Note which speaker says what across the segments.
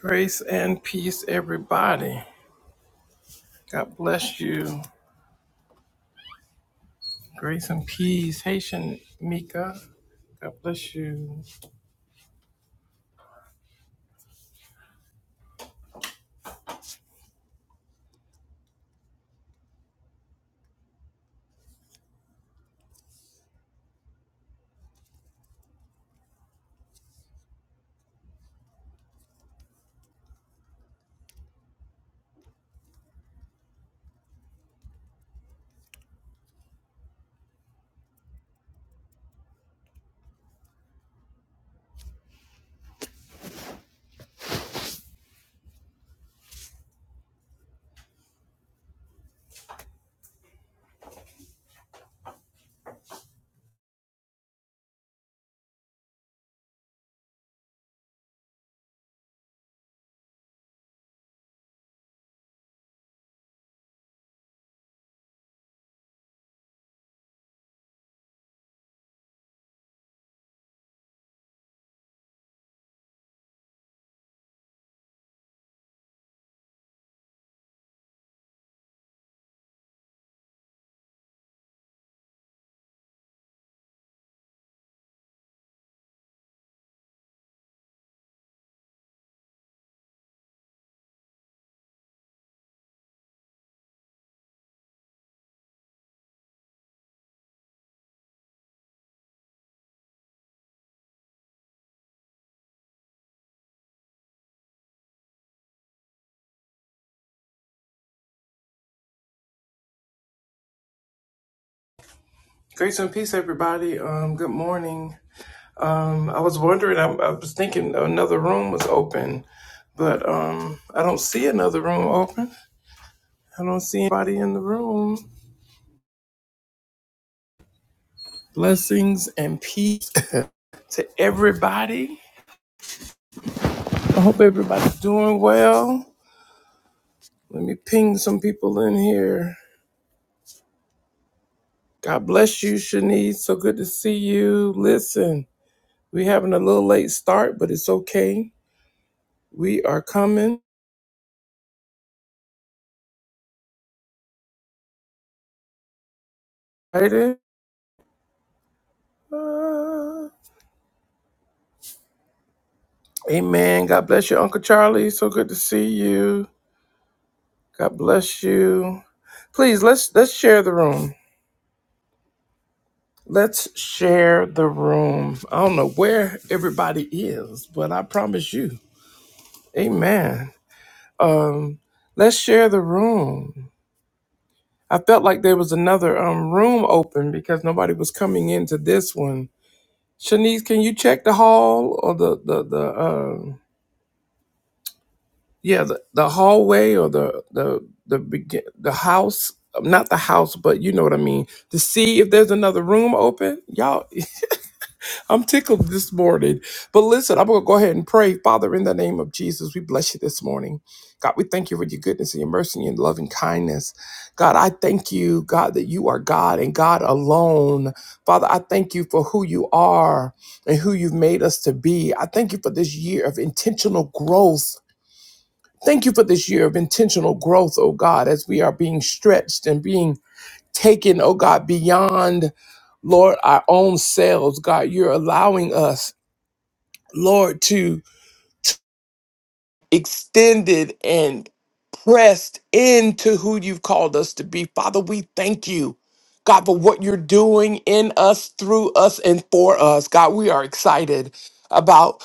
Speaker 1: Grace and peace, everybody. God bless you. Grace and peace, Haitian Mika. God bless you. Grace and peace, everybody. Um, good morning. Um, I was wondering. I, I was thinking another room was open, but um, I don't see another room open. I don't see anybody in the room. Blessings and peace to everybody. I hope everybody's doing well. Let me ping some people in here. God bless you, Shanice. So good to see you. Listen, we having a little late start, but it's okay. We are coming. Right in. Uh, Amen. God bless you, Uncle Charlie. So good to see you. God bless you. Please let's let's share the room. Let's share the room. I don't know where everybody is, but I promise you. Amen. Um, let's share the room. I felt like there was another um, room open because nobody was coming into this one. Shanice, can you check the hall or the the the uh, yeah the, the hallway or the the the begin the house? Not the house, but you know what I mean. To see if there's another room open, y'all. I'm tickled this morning. But listen, I'm going to go ahead and pray. Father, in the name of Jesus, we bless you this morning. God, we thank you for your goodness and your mercy and your loving kindness. God, I thank you, God, that you are God and God alone. Father, I thank you for who you are and who you've made us to be. I thank you for this year of intentional growth. Thank you for this year of intentional growth, oh God, as we are being stretched and being taken, oh God, beyond, Lord, our own selves. God, you're allowing us. Lord, to extended and pressed into who you've called us to be. Father, we thank you, God, for what you're doing in us, through us, and for us. God, we are excited about.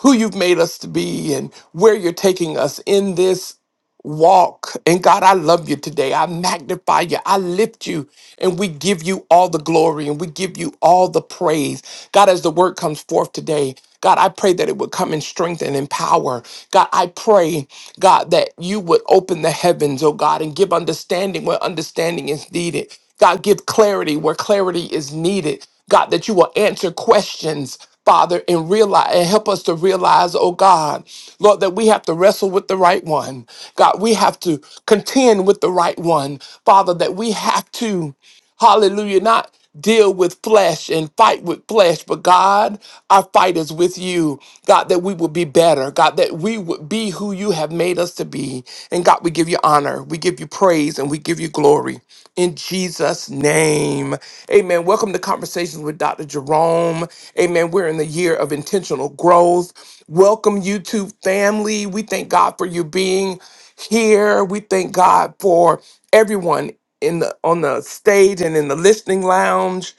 Speaker 1: who you've made us to be and where you're taking us in this walk. And God, I love you today. I magnify you. I lift you. And we give you all the glory and we give you all the praise. God, as the word comes forth today, God, I pray that it would come in strength and in power. God, I pray, God, that you would open the heavens, oh God, and give understanding where understanding is needed. God, give clarity where clarity is needed. God, that you will answer questions. Father, and realize and help us to realize, oh God, Lord, that we have to wrestle with the right one. God, we have to contend with the right one. Father, that we have to, hallelujah, not deal with flesh and fight with flesh, but God, our fight is with you. God, that we would be better. God, that we would be who you have made us to be. And God, we give you honor, we give you praise, and we give you glory in Jesus' name. Amen. Welcome to Conversations with Dr. Jerome. Amen. We're in the year of intentional growth. Welcome, YouTube family. We thank God for you being here. We thank God for everyone in the on the stage and in the listening lounge.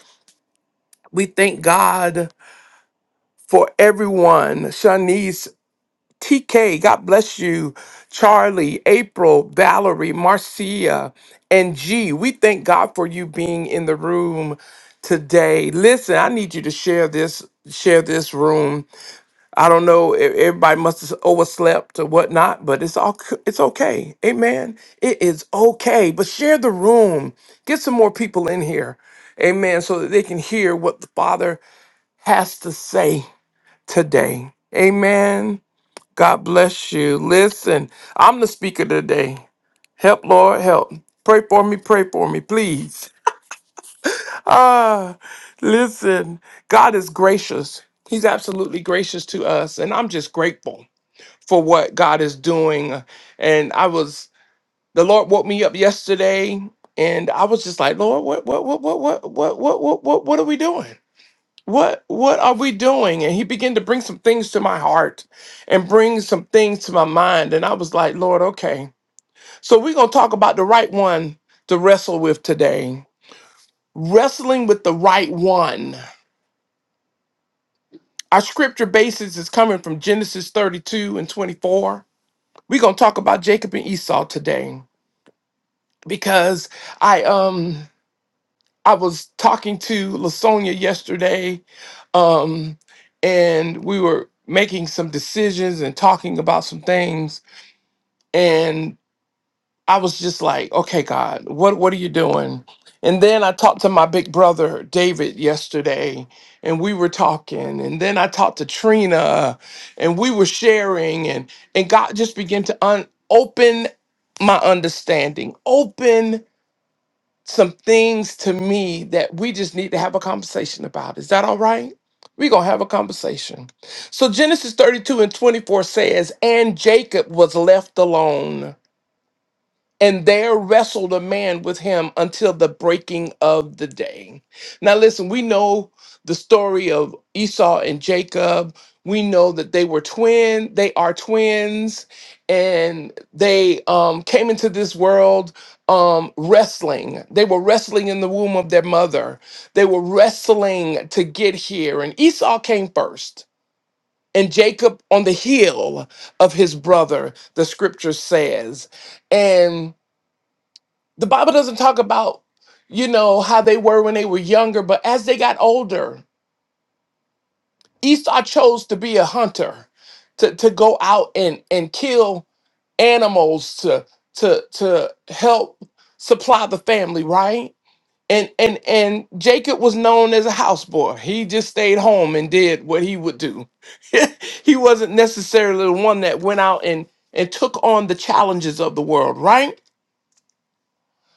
Speaker 1: We thank God for everyone. Shanice TK, God bless you. Charlie, April, Valerie, Marcia, and G. We thank God for you being in the room today. Listen, I need you to share this share this room. I don't know if everybody must have overslept or whatnot, but it's all c- it's okay. Amen. It is okay. But share the room. Get some more people in here. Amen. So that they can hear what the Father has to say today. Amen. God bless you. Listen, I'm the speaker today. Help, Lord, help. Pray for me, pray for me, please. Ah, listen, God is gracious. He's absolutely gracious to us, and I'm just grateful for what God is doing. And I was the Lord woke me up yesterday, and I was just like, Lord, what, what, what, what, what, what, what, what, what, what are we doing? what what are we doing and he began to bring some things to my heart and bring some things to my mind and i was like lord okay so we're going to talk about the right one to wrestle with today wrestling with the right one our scripture basis is coming from genesis 32 and 24 we're going to talk about jacob and esau today because i um I was talking to Lasonia yesterday, um, and we were making some decisions and talking about some things, and I was just like, "Okay, God, what what are you doing?" And then I talked to my big brother David yesterday, and we were talking, and then I talked to Trina, and we were sharing, and and God just began to un- open my understanding, open some things to me that we just need to have a conversation about. Is that all right? We're going to have a conversation. So, Genesis 32 and 24 says, And Jacob was left alone. And there wrestled a man with him until the breaking of the day. Now, listen, we know the story of Esau and Jacob. We know that they were twin. They are twins, and they um, came into this world um, wrestling. They were wrestling in the womb of their mother. They were wrestling to get here, and Esau came first, and Jacob on the heel of his brother. The scripture says, and the Bible doesn't talk about, you know, how they were when they were younger, but as they got older, Esau chose to be a hunter, to, to go out and, and kill animals to to to help supply the family, right? And and and Jacob was known as a houseboy. He just stayed home and did what he would do. he wasn't necessarily the one that went out and and took on the challenges of the world, right?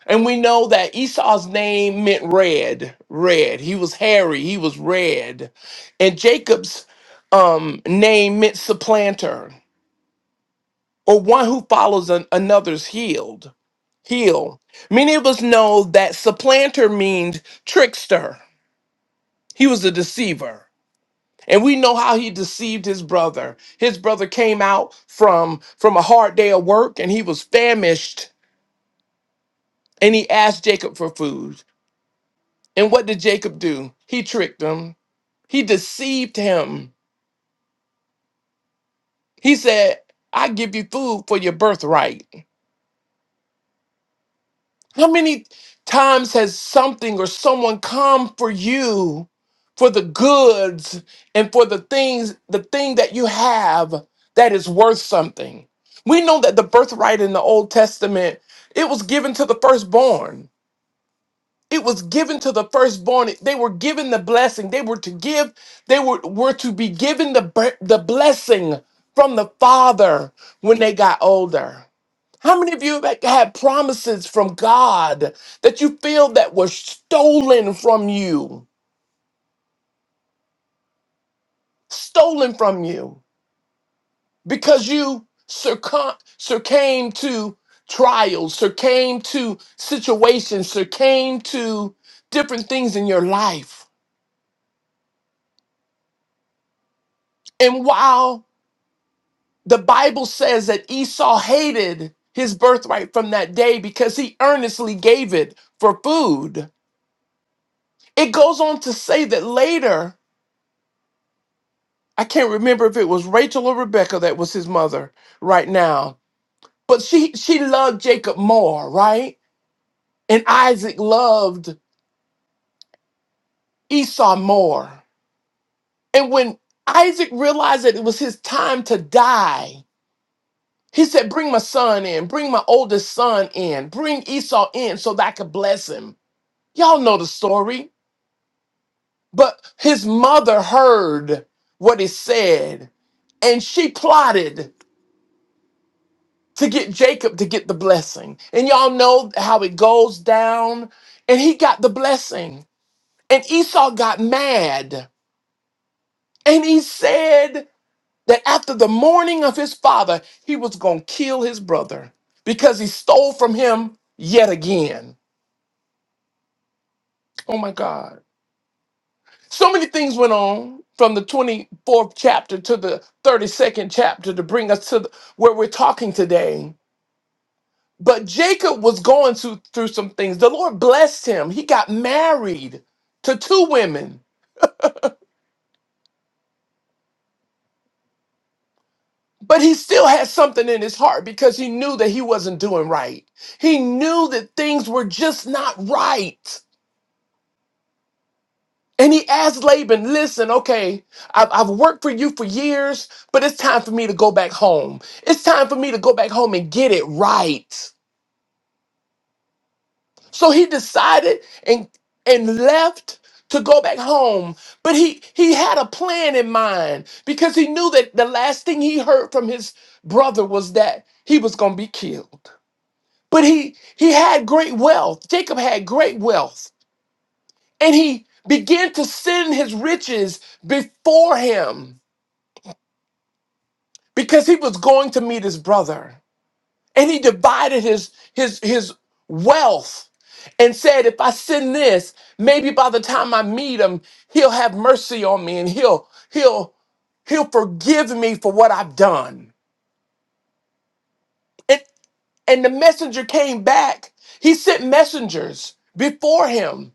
Speaker 1: And we know that Esau's name meant red, red. He was hairy, he was red. And Jacob's um, name meant supplanter or one who follows an- another's healed, heel. Many of us know that supplanter means trickster. He was a deceiver. And we know how he deceived his brother. His brother came out from from a hard day of work and he was famished and he asked Jacob for food. And what did Jacob do? He tricked him He deceived him. He said, I give you food for your birthright. How many times has something or someone come for you for the goods and for the things, the thing that you have that is worth something? We know that the birthright in the Old Testament, it was given to the firstborn. It was given to the firstborn. They were given the blessing. They were to give, they were, were to be given the, br- the blessing from the Father when they got older. How many of you have had promises from God that you feel that were stolen from you? Stolen from you because you succumb, succumbed to trials, succumbed to situations, succumbed to different things in your life. And wow. The Bible says that Esau hated his birthright from that day because he earnestly gave it for food. It goes on to say that later, I can't remember if it was Rachel or Rebecca that was his mother right now, but she she loved Jacob more, right? And Isaac loved Esau more. And when Isaac realized that it was his time to die, he said, "Bring my son in, bring my oldest son in, bring Esau in so that I could bless him." Y'all know the story. But his mother heard what he said and she plotted to get Jacob to get the blessing. And y'all know how it goes down. And he got the blessing. And Esau got mad. And he said that after the mourning of his father, he was going to kill his brother because he stole from him yet again. Oh my God. So many things went on from the 24th chapter to the 32nd chapter to bring us to the, where we're talking today. But Jacob was going through, through some things. The Lord blessed him. He got married to two women, but he still had something in his heart because he knew that he wasn't doing right. He knew that things were just not right. And he asked Laban, listen, okay, I've, I've worked for you for years, but it's time for me to go back home. It's time for me to go back home and get it right. So he decided and and left to go back home. But he he had a plan in mind because he knew that the last thing he heard from his brother was that he was gonna be killed. But he he had great wealth. Jacob had great wealth. And he began to send his riches before him because he was going to meet his brother and he divided his his his wealth and said if i send this maybe by the time i meet him he'll have mercy on me and he'll he'll he'll forgive me for what i've done and and the messenger came back he sent messengers before him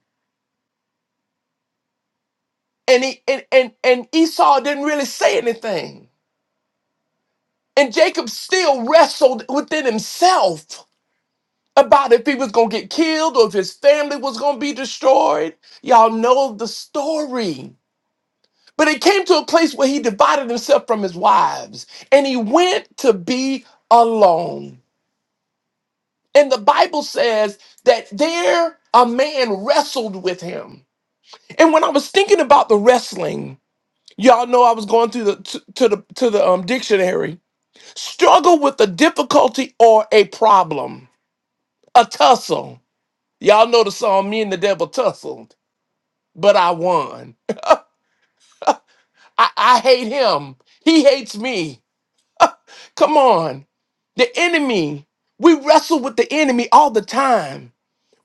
Speaker 1: and he and and, and esau didn't really say anything and jacob still wrestled within himself about if he was going to get killed or if his family was going to be destroyed. Y'all know the story. But it came to a place where he divided himself from his wives and he went to be alone. And the Bible says that there a man wrestled with him. And when I was thinking about the wrestling, y'all know I was going through the to, to the to the um dictionary. Struggle with a difficulty or a problem, a tussle. Y'all know the song "Me and the Devil Tussle." but I won. I, I hate him. He hates me. Come on. The enemy, we wrestle with the enemy all the time.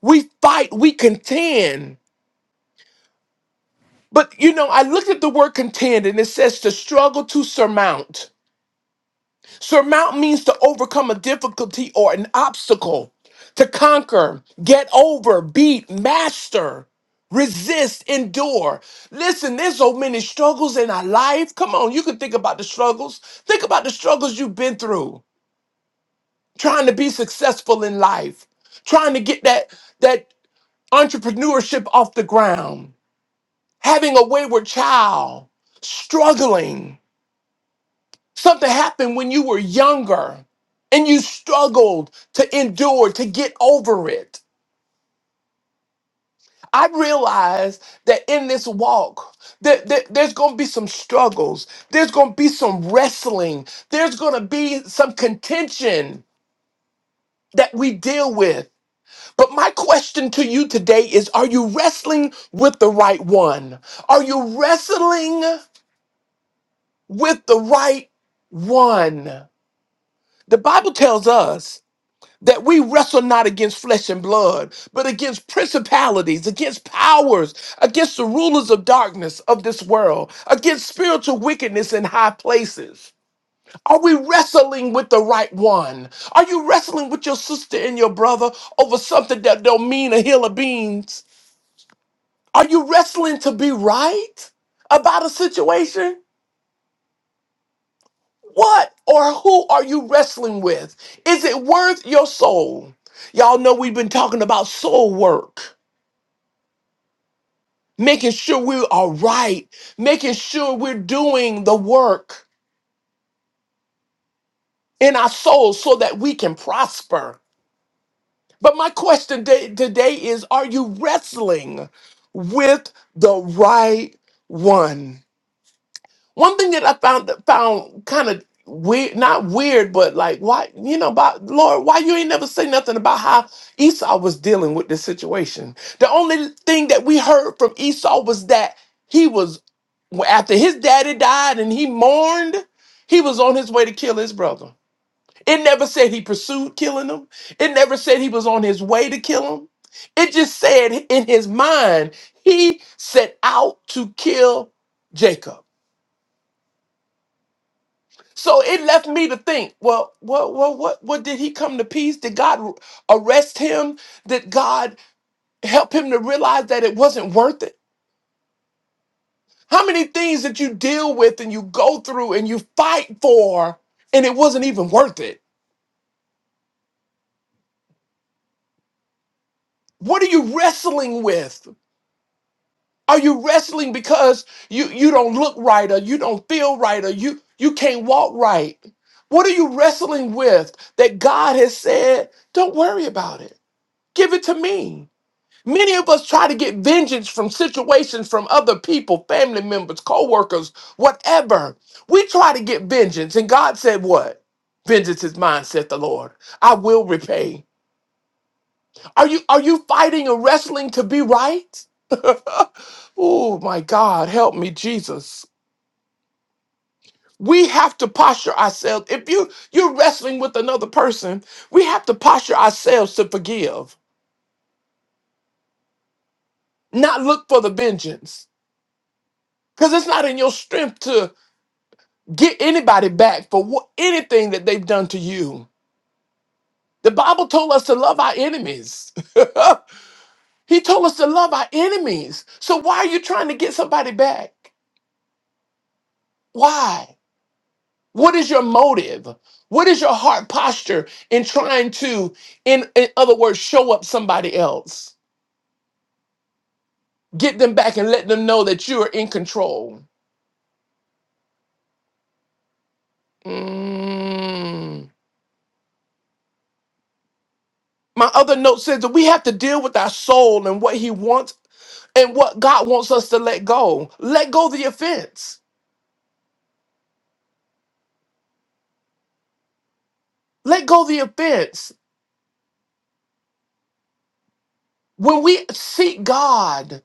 Speaker 1: We fight, we contend. But you know, I looked at the word contend and it says to struggle to surmount. Surmount means to overcome a difficulty or an obstacle, to conquer, get over, beat, master, resist, endure. Listen, there's so many struggles in our life. Come on, you can think about the struggles. Think about the struggles you've been through trying to be successful in life, trying to get that that entrepreneurship off the ground, having a wayward child, struggling Something happened when you were younger and you struggled to endure, to get over it. I realize that in this walk, that that there's going to be some struggles. There's going to be some wrestling. There's going to be some contention that we deal with. But my question to you today is Are you wrestling with the right one? Are you wrestling with the right one? The Bible tells us that we wrestle not against flesh and blood, but against principalities, against powers, against the rulers of darkness of this world, against spiritual wickedness in high places. Are we wrestling with the right one? Are you wrestling with your sister and your brother over something that don't mean a hill of beans? Are you wrestling to be right about a situation? What or who are you wrestling with? Is it worth your soul? Y'all know we've been talking about soul work. making sure we are right, making sure we're doing the work in our souls so that we can prosper. But my question da- today is Are you wrestling with the right one? One thing that I found found kind of weird, not weird, but like, why, you know, about Lord, why you ain't never say nothing about how Esau was dealing with this situation? The only thing that we heard from Esau was that. Well, after his daddy died and he mourned, he was on his way to kill his brother. It never said he pursued killing him. It never said he was on his way to kill him. It just said in his mind, he set out to kill Jacob. So it left me to think, well, what, what, what, what did he come to peace? Did God arrest him? Did God help him to realize that it wasn't worth it? How many things that you deal with and you go through and you fight for and it wasn't even worth it? What are you wrestling with? Are you wrestling because you you don't look right or you don't feel right or you you can't walk right? What are you wrestling with that God has said, don't worry about it. Give it to me. Many of us try to get vengeance from situations from other people, family members, co-workers, whatever. We try to get vengeance, and God said, What? Vengeance is mine, saith the Lord. I will repay. Are you are you fighting and wrestling to be right? oh my God, help me, Jesus. We have to posture ourselves. If you you're wrestling with another person, we have to posture ourselves to forgive, not look for the vengeance. Because it's not in your strength get anybody back for what, anything that they've done to you. The Bible told us to love our enemies. he told us to love our enemies. So why are you trying to get somebody back? Why? What is your motive? What is your heart posture in trying to, in, in other words, show up somebody else? Get them back and let them know that you are in control. Mm. My other note says that we have to deal with our soul and what he wants and what God wants us to let go. Let go the offense. Let go the offense. When we seek God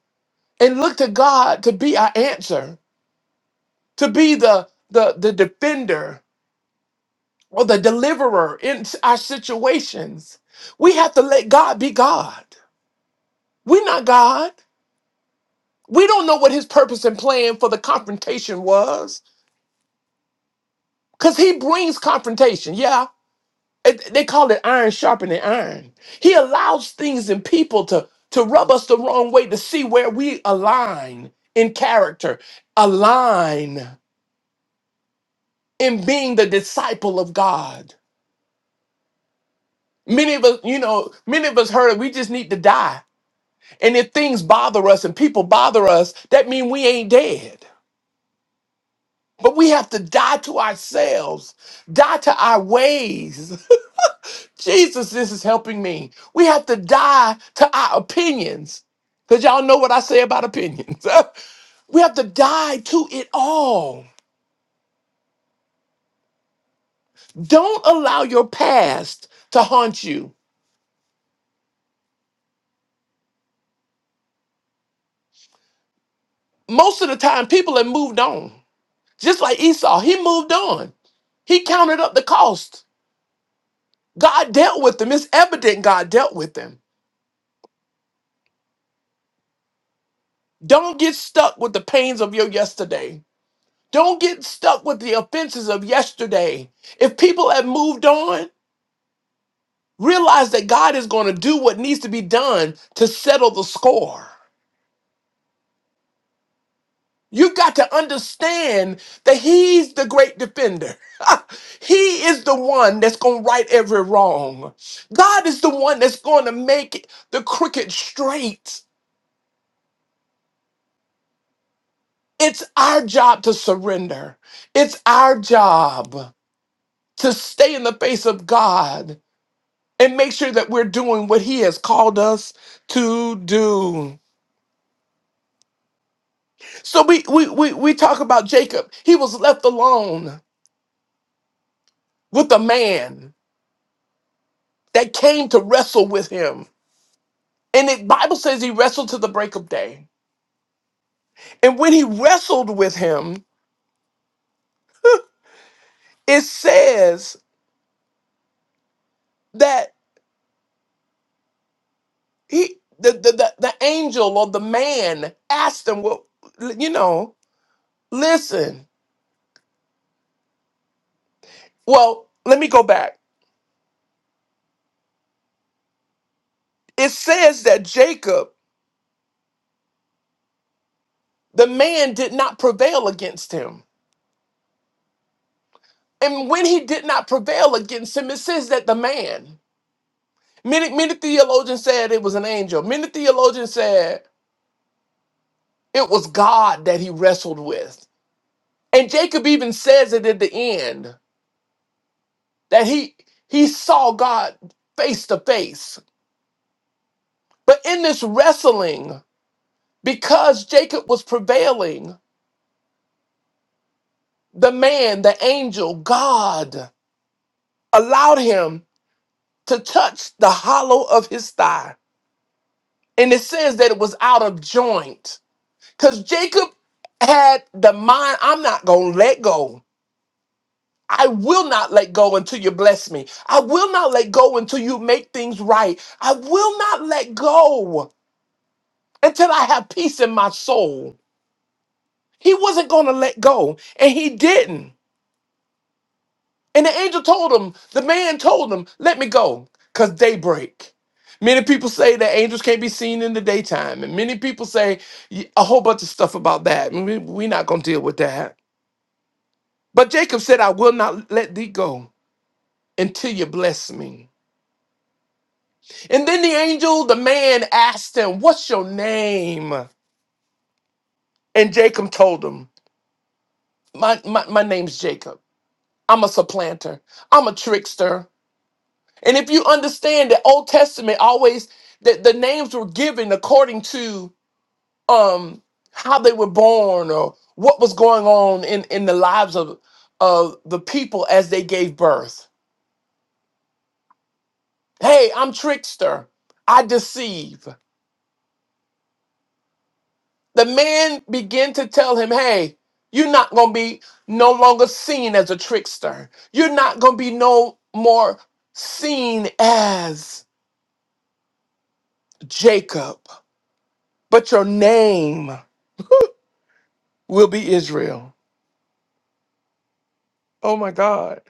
Speaker 1: and look to God to be our answer, to be the the, the defender or the deliverer in our situations, we have to let God be God. We're not God. We don't know what his purpose and plan for the confrontation was. Because he brings confrontation. Yeah, It- they call it iron sharpening iron. He allows things and people to to rub us the wrong way to see where we align in character, align in being the disciple of God. Many of us, you know, many of us heard we just need to die. And if things bother us and people bother us, that means we ain't dead. But we have to die to ourselves, die to our ways. Jesus, this is helping me. We have to die to our opinions. Because y'all know what I say about opinions. we have to die to it all. Don't allow your past to haunt you. Most of the time, people have moved on. Just like Esau, he moved on. He counted up the cost. God dealt with them. It's evident God dealt with them. Don't get stuck with the pains of your yesterday. Don't get stuck with the offenses of yesterday. If people have moved on, Realize that God is going to do what needs to be done to settle the score. You've got to understand that He's the great defender. he is the one that's going to right every wrong. God is the one that's going to make the crooked straight. It's our job to surrender, it's our job to stay in the face of God and make sure that we're doing what He has called us to do. So we we we we talk about Jacob. He was left alone with a man that came to wrestle with him. And the Bible says he wrestled to the break of day. And when he wrestled with him, it says that he the the, the, the angel or the man asked him, Well, l- you know, listen. Well, let me go back. It says that Jacob, the man, did not prevail against him. And when he did not prevail against him, it says that the man Many many theologians said it was an angel. Many theologians said it was God that he wrestled with. And Jacob even says it at the end that he he saw God face to face. But in this wrestling, because Jacob was prevailing, the man, the angel, God allowed him to touch the hollow of his thigh. And it says that it was out of joint. Because Jacob had the mind, I'm not going to let go. I will not let go until you bless me. I will not let go until you make things right. I will not let go until I have peace in my soul. He wasn't going to let go, and he didn't. And the angel told him, the man told him, let me go, because daybreak. Many people say that angels can't be seen in the daytime, and many people say y- a whole bunch of stuff about that. We're not going to deal with that. But Jacob said, I will not let thee go until you bless me. And then the angel, the man asked him, What's your name? And Jacob told him, My, my, my name's Jacob. I'm a supplanter. I'm a trickster. And if you understand that Old Testament always that the names were given according to um how they were born or what was going on in, in the lives of of the people as they gave birth. Hey, I'm trickster. I deceive. The man began to tell him, hey, you're not going to be no longer seen as a trickster. You're not going to be no more seen as Jacob, but your name will be Israel. Oh my God.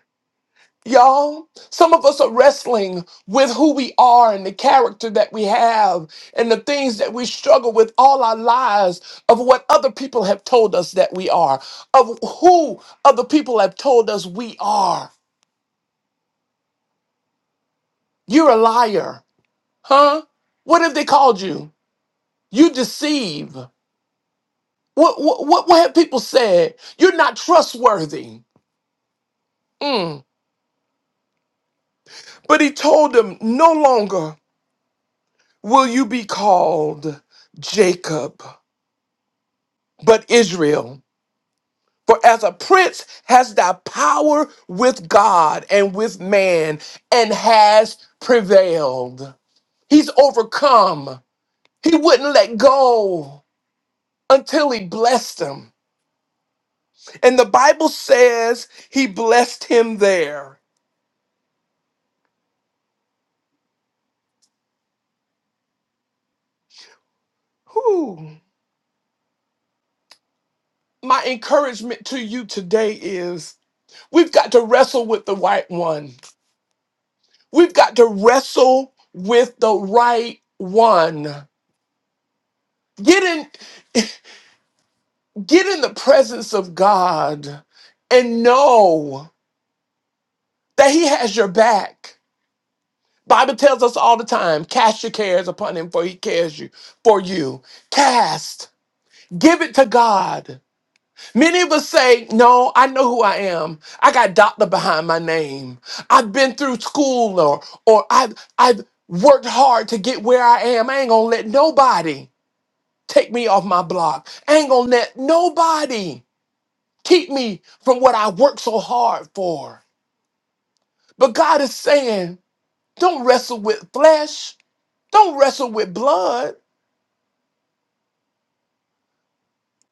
Speaker 1: Y'all, some of us are wrestling with who we are and the character that we have and the things that we struggle with all our lives of what other people have told us that we are, of who other people have told us we are. You're a liar, huh? What have they called you? You deceive. What what what, what have people said? You're not trustworthy. Mm. But he told them, no longer will you be called Jacob, but Israel. For as a prince has thy power with God and with man, and has prevailed. He's overcome. He wouldn't let go until he blessed them. And the Bible says he blessed him there. Whew. My encouragement to you today is we've got to wrestle with the right one. We've got to wrestle with the right one. Get in, get in the presence of God and know that he has your back. Bible tells us all the time, cast your cares upon him for he cares you for you. Cast, give it to God Many of us say, No, I know who I am. I got doctor behind my name. I've been through school or or I've I've worked hard to get where I am. I ain't gonna let nobody take me off my block. I ain't gonna let nobody keep me from what I worked so hard for. But God is saying, don't wrestle with flesh, don't wrestle with blood.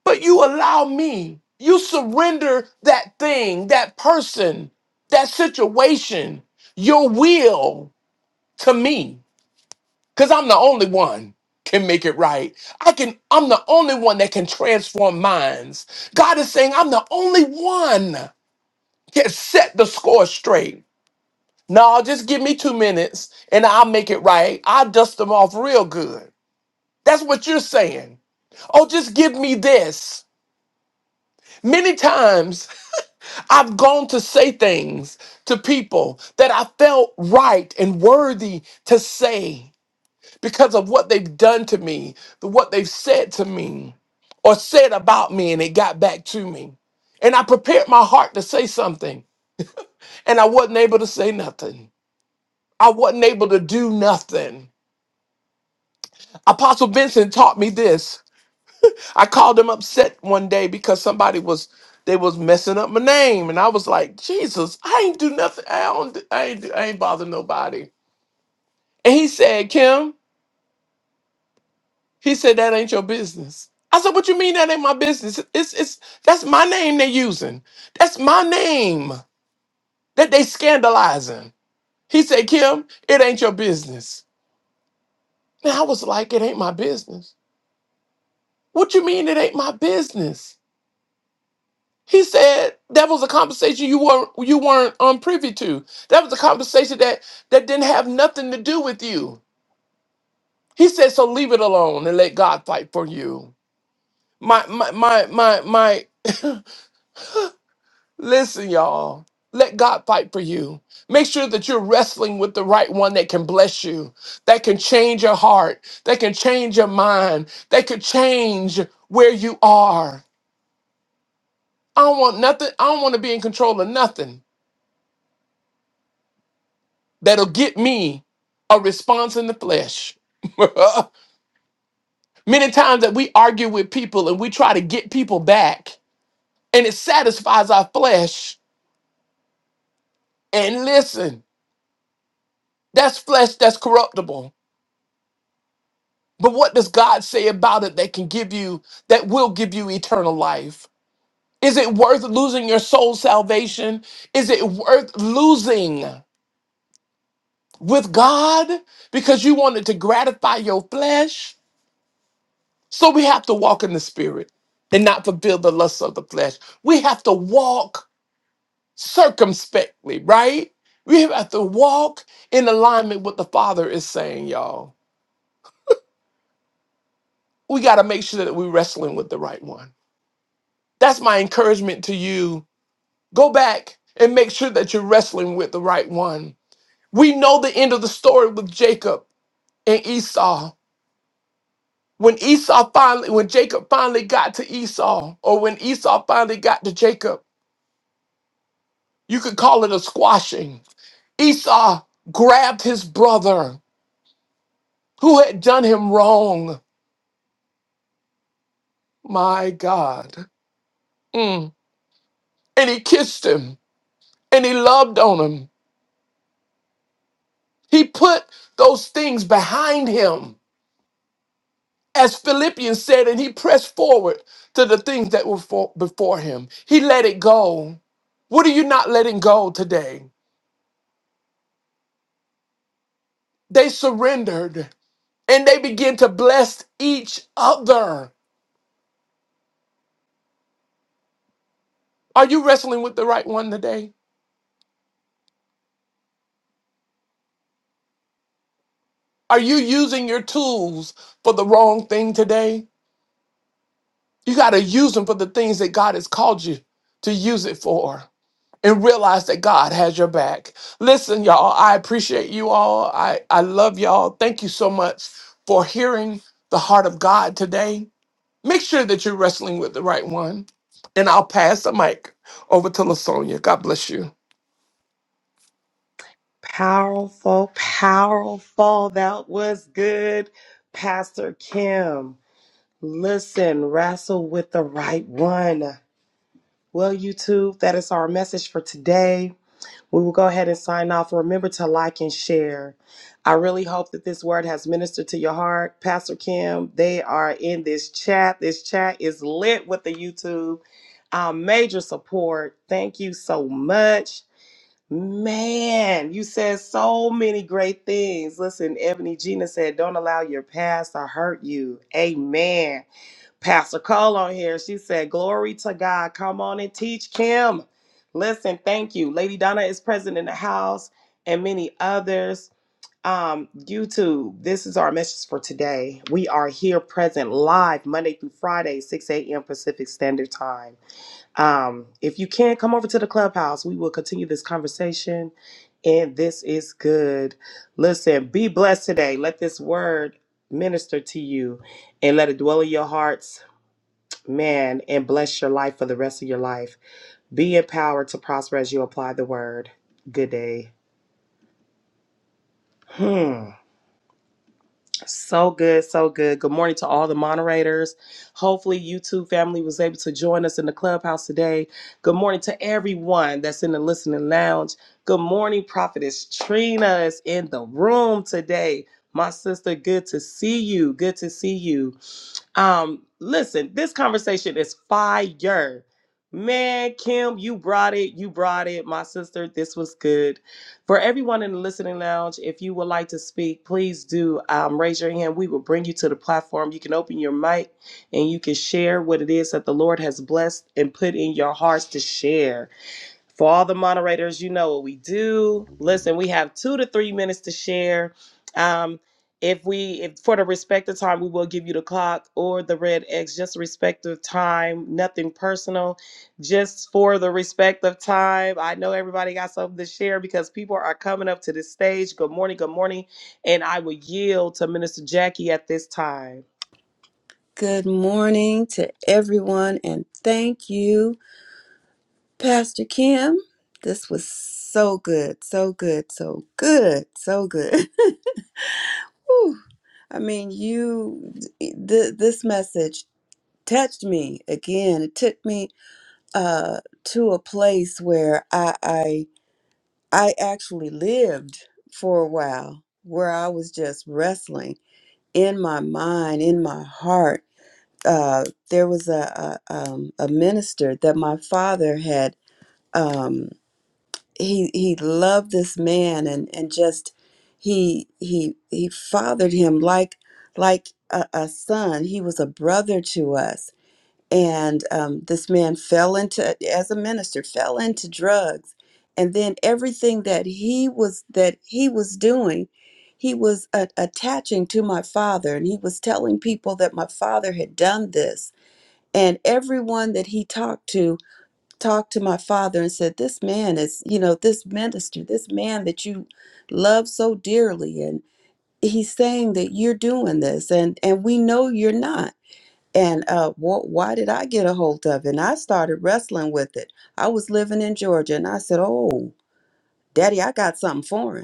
Speaker 1: But you allow me, you surrender that thing, that person, that situation, your will to me. Because I'm the only one can make it right. I can, I'm the only one that can transform minds. God is saying, I'm the only one can set the score straight. No, just give me two minutes and I'll make it right. I'll dust them off real good. That's what you're saying. Oh, just give me this. Many times I've gone to say things to people that I felt right and worthy to say because of what they've done to me, the- what they've said to me or said about me, and it got back to me. And I prepared my heart to say something, and I wasn't able to say nothing. I wasn't able to do nothing. Apostle Vincent taught me this. I called him upset one day because somebody was they was messing up my name, and I was like, Jesus, I ain't do nothing. I don't. do- I ain't. do- I ain't bother nobody. And he said, Kim, he said that ain't your business. I said, What you mean that ain't my business? It's it's that's my name they using. That's my name that they scandalizing. He said, Kim, it ain't your business. And I was like, It ain't my business. What you mean it ain't my business? He said that was a conversation you weren't you weren't unprivy to. That was a conversation that that didn't have nothing to do with you. He said, so leave it alone and let God fight for you. My my my my my listen, y'all. Let God fight for you. Make sure that you're wrestling with the right one that can bless you, that can change your heart, that can change your mind, that could change where you are. I don't want nothing, I don't want to be in control of nothing. that'll get me a response in the flesh. Many times that we argue with people and we try to get people back, and it satisfies our flesh. And listen, that's flesh that's corruptible. But what does God say about it that can give you, that will give you eternal life? Is it worth losing your soul salvation? Is it worth losing with God because you wanted to gratify your flesh? So we have to walk in the spirit and not fulfill the lusts of the flesh. We have to walk circumspectly, right? We have to walk in alignment with the Father is saying, y'all. We got to make sure that we're wrestling with the right one. That's my encouragement to you. Go back and make sure that you're wrestling with the right one. We know the end of the story with Jacob and Esau. When Esau finally, when Jacob finally got to Esau, or when Esau finally got to Jacob, You could call it a squashing. Esau grabbed his brother who had done him wrong. My God. Mm. And he kissed him and he loved on him. He put those things behind him, as Philippians said, and he pressed forward to the things that were for- before him. He let it go. What are you not letting go today? They surrendered and they began to bless each other. Are you wrestling with the right one today? Are you using your tools for the wrong thing today? You got to use them for the things that God has called you to use it for and realize that God has your back. Listen, y'all, I appreciate you all. I, I love y'all. Thank you so much for hearing the heart of God today. Make sure that you're wrestling with the right one. And I'll pass the mic over to LaSonia. God bless you.
Speaker 2: Powerful, powerful. That was good, Pastor Kim. Listen, wrestle with the right one. Well, YouTube, that is our message for today. We will go ahead and sign off. Remember to like and share. I really hope that this word has ministered to your heart. Pastor Kim, they are in this chat. This chat is lit with the YouTube. Our major support. Thank you so much. Man, you said so many great things. Listen, Ebony Gina said, Don't allow your past to hurt you. Amen. Pastor Cole on here, she said, Glory to God. Come on and teach Kim. Listen, thank you. Lady Donna is present in the house and many others. Um, YouTube, this is our message for today. We are here present live Monday through Friday, 6 a.m. Pacific Standard Time. Um, if you can, come over to the clubhouse. We will continue this conversation. And this is good. Listen, be blessed today. Let this word minister to you and let it dwell in your hearts, man, and bless your life for the rest of your life. Be empowered to prosper as you apply the word. Good day. Hmm. So good, so good. Good morning to all the moderators. Hopefully, you two family was able to join us in the clubhouse today. Good morning to everyone that's in the listening lounge. Good morning, Prophetess Trina is in the room today. My sister, good to see you. Good to see you. Um, listen, this conversation is fire. Man, Kim, you brought it. You brought it. My sister, this was good. For everyone in the listening lounge, if you would like to speak, please do um, raise your hand. We will bring you to the platform. You can open your mic and you can share what it is that the Lord has blessed and put in your hearts to share. For all the moderators, you know what we do. Listen, we have two to three minutes to share. Um, if we, if for the respective time, we will give you the clock or the red X, just respective time, nothing personal, just for the respective time. I know everybody got something to share because people are coming up to the stage. Good morning, good morning, and I will yield to Minister Jackie at this time.
Speaker 3: Good morning to everyone, and thank you, Pastor Kim. This was so good, so good, so good, so good. Whew. I mean, you, th- this message touched me again. It took me uh, to a place where I, I, I actually lived for a while, where I was just wrestling in my mind, in my heart uh, there was a a, um, a minister that my father had. Um, he he loved this man and and just he he he fathered him like like a, a son. He was a brother to us. And um, this man fell into as a minister fell into drugs, and then everything that he was that he was doing. He was uh, attaching to my father, and he was telling people that my father had done this and everyone that he talked to talked to my father and said, This man is, you know, this minister, this man that you love so dearly. And he's saying that you're doing this, and, and we know you're not. And uh, wh- why did I get a hold of it? And I started wrestling with it. I was living in Georgia, and I said, Oh, daddy, I got something foreign.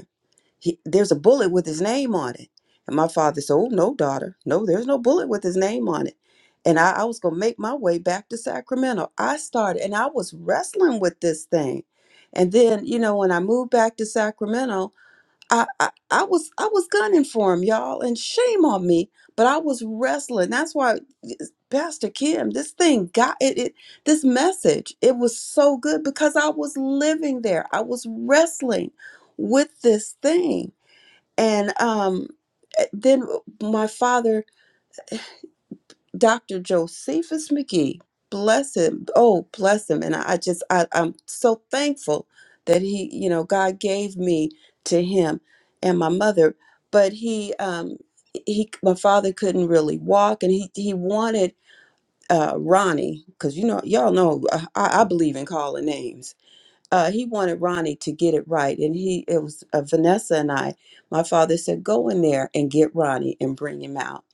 Speaker 3: He, there's a bullet with his name on it. And my father said, Oh, no, daughter. No, there's no bullet with his name on it. And I, I was going to make my way back to Sacramento. I started and I was wrestling with this thing. And then, you know, when I moved back to Sacramento, I, I, I was I was gunning for him, y'all, and shame on me. But I was wrestling. That's why Pastor Kim, this thing got it, it this message, it was so good because I was living there. I was wrestling with this thing and um, eh, then uh, my father, Dr. Josephus McGee, bless him. Oh, bless him. And I I just, I, I'm so thankful that he, you know, God gave me to him and my mother. But he, um, he, my father couldn't really walk, and he he wanted uh, Ronnie because you know y'all know uh, I, I believe in calling names uh, he wanted Ronnie to get it right. And he, it was uh, Vanessa and I, my father said, go in there and get Ronnie and bring him out.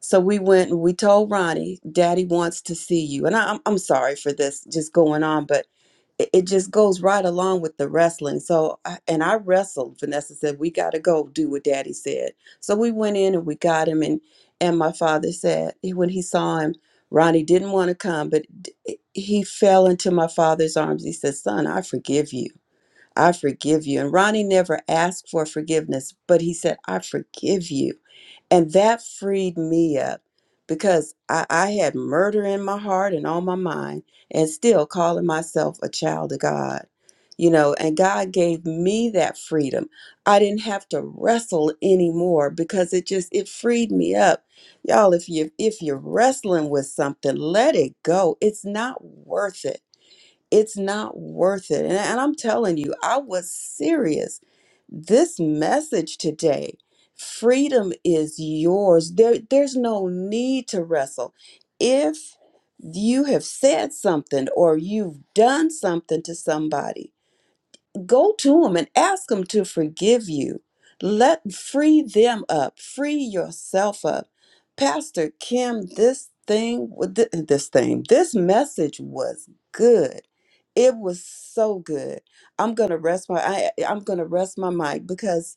Speaker 3: So we went and we told Ronnie, Daddy wants to see you. And I, I'm, I'm sorry for this just going on, but it, it just goes right along with the wrestling. So, I, and I wrestled. Vanessa said, we got to go do what Daddy said. So we went in and we got him. And, and my father said, he- when he saw him, Ronnie didn't want to come, but d- he fell into my father's arms. He said, Son, I forgive you. I forgive you. And Ronnie never asked for forgiveness, but he said, I forgive you. And that freed me up because I, I had murder in my heart and on my mind, and still calling myself a child of God. You know, and God gave me that freedom. I didn't have to wrestle anymore because it just it freed me up. Y'all, if you if you're wrestling with something, let it go. It's not worth it it's not worth it. And, and I'm telling you, I was serious. This message today, freedom is yours. There, there's no need to wrestle. If you have said something or you've done something to somebody, go to them and ask them to forgive you. Let free them up, free yourself up. Pastor Kim, this thing, th- this thing, this message was good. It was so good. I'm gonna rest my I, I'm gonna rest my mic because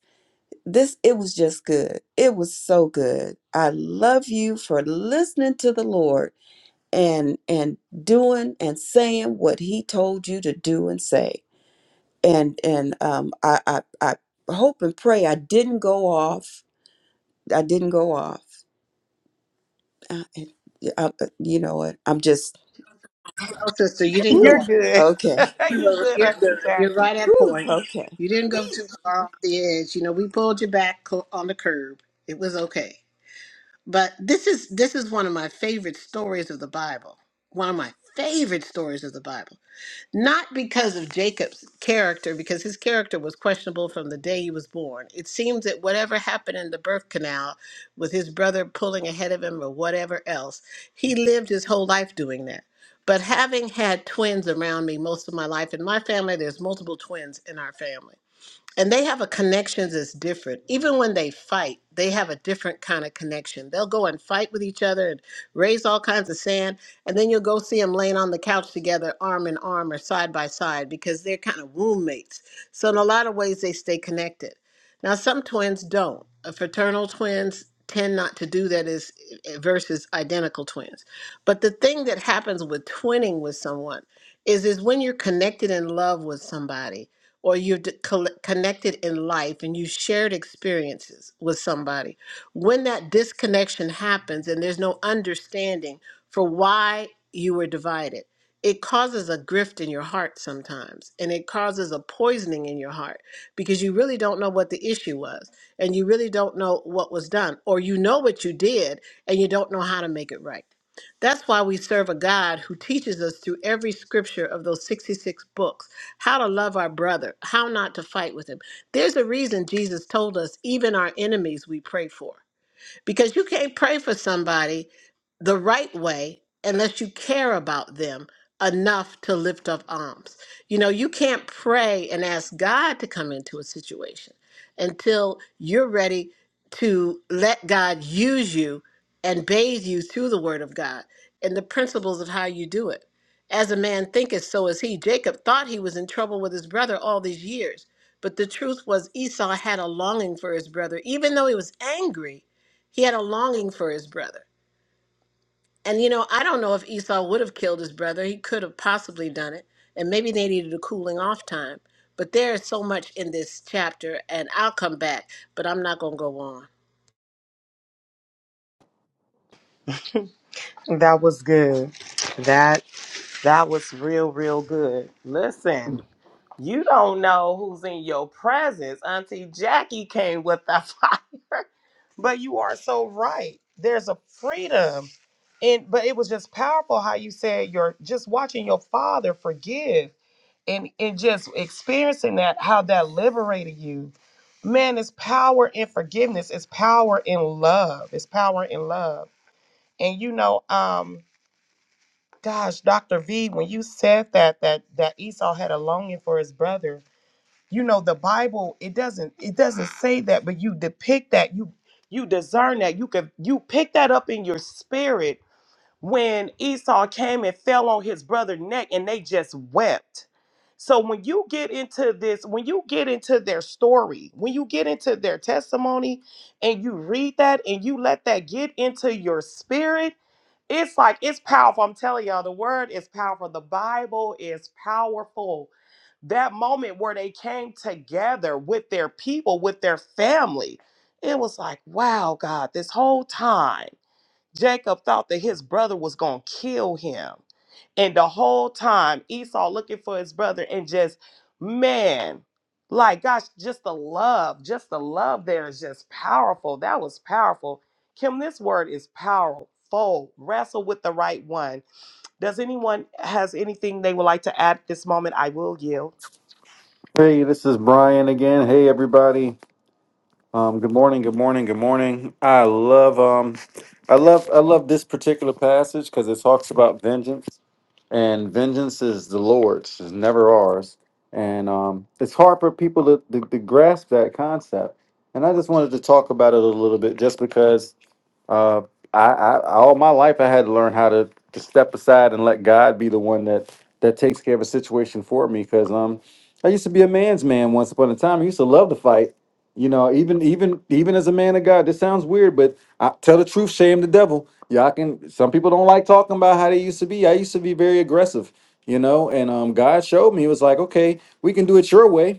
Speaker 3: this it was just good. It was so good. I love you for listening to the Lord and and doing and saying what He told you to do and say and and um, I, I I hope and pray I didn't go off. I didn't go off. I, I, I- you know what? I'm just
Speaker 4: No, sister, you didn't go
Speaker 2: You're
Speaker 3: whew,
Speaker 4: off.
Speaker 2: good.
Speaker 3: okay.
Speaker 4: You
Speaker 2: you
Speaker 4: were
Speaker 2: good,
Speaker 4: you're good.
Speaker 2: Auntie
Speaker 4: You're
Speaker 2: Jackie.
Speaker 4: right at
Speaker 3: Whew,
Speaker 4: point.
Speaker 3: okay.
Speaker 4: You didn't go too far off the edge. You know, we pulled you back co- on the curb. It was okay. But this is this is one of my favorite stories of the Bible. One of my favorite stories of the Bible not because of Jacob's character, because his character was questionable from the day he was born. It seems that whatever happened in the birth canal with his brother pulling ahead of him or whatever else, he lived his whole life doing that. But having had twins around me most of my life, in my family, there's multiple twins in our family and they have a connection that's different. Even when they fight, they have a different kind of connection. They'll go and fight with each other and raise all kinds of sand, and then you'll go see them laying on the couch together, arm in arm or side by side, because they're kind of roommates. So in a lot of ways, they stay connected. Now, some twins don't. Uh, Fraternal twins tend not to do that as eh, eh, versus identical twins. But the thing that happens with twinning with someone is is when you're connected in love with somebody or you're d- coll- connected in life and you shared experiences with somebody, when that disconnection happens and there's no understanding for why you were divided, it causes a grift in your heart sometimes and it causes a poisoning in your heart because you really don't know what the issue was and you really don't know what was done or you know what you did and you don't know how to make it right. That's why we serve a God who teaches us through every scripture of those 66 books how to love our brother, how not to fight with him. There's a reason Jesus told us, even our enemies we pray for. Because you can't pray for somebody the right way unless you care about them enough to lift up arms. You know, you can't pray and ask God to come into a situation until you're ready to let God use you and bathe you through the word of God and the principles of how you do it. As a man thinketh, so is he. Jacob thought he was in trouble with his brother all these years, but the truth was Esau had a longing for his brother. Even though he was angry, he had a longing for his brother. And you know, I don't know if Esau would have killed his brother. He could have possibly done it. And maybe they needed a cooling off time. But there is so much in this chapter, and I'll come back, but I'm not going to go on.
Speaker 2: That was good. That. That was real, real good. Listen, you don't know who's in your presence. Auntie Jackie came with the fire, but you are so right. There's a freedom, and but it was just powerful how you said you're just watching your father forgive and and just experiencing that how that liberated you. Man, it's power in forgiveness. It's power in love. It's power in love. And you know, um, Gosh, Dr. V, when you said that that that Esau had a longing for his brother, you know the Bible it doesn't it doesn't say that, but you depict that you you discern that you could you pick that up in your spirit when Esau came and fell on his brother's neck and they just wept. So when you get into this, when you get into their story, when you get into their testimony and you read that and you let that get into your spirit, it's like it's powerful. I'm telling y'all, the word is powerful. The Bible is powerful. That moment where they came together with their people, with their family, it was like, wow, God, this whole time, Jacob thought that his brother was going to kill him. And the whole time, Esau looking for his brother, and just, man, like, gosh, just the love, just the love there is just powerful. That was powerful. Kim, this word is powerful. Wrestle with the right one. Does anyone has anything they would like to add at this moment? I will yield.
Speaker 5: Hey, this is Brian again. Hey, everybody. Um, good morning. Good morning. Good morning. I love um, I love I love this particular passage because it talks about vengeance, and vengeance is the Lord's, it's never ours. And um, it's hard for people to, to, to grasp that concept. And I just wanted to talk about it a little bit, just because uh, I, I all my life I had to learn how to, to step aside and let God be the one that that takes care of a situation for me. Because um, I used to be a man's man once upon a time. I used to love to fight. You know, even even even as a man of God, this sounds weird, but I, tell the truth, shame the devil. Y'all can. Some people don't like talking about how they used to be. I used to be very aggressive. You know, and um, God showed me it was like, okay, we can do it your way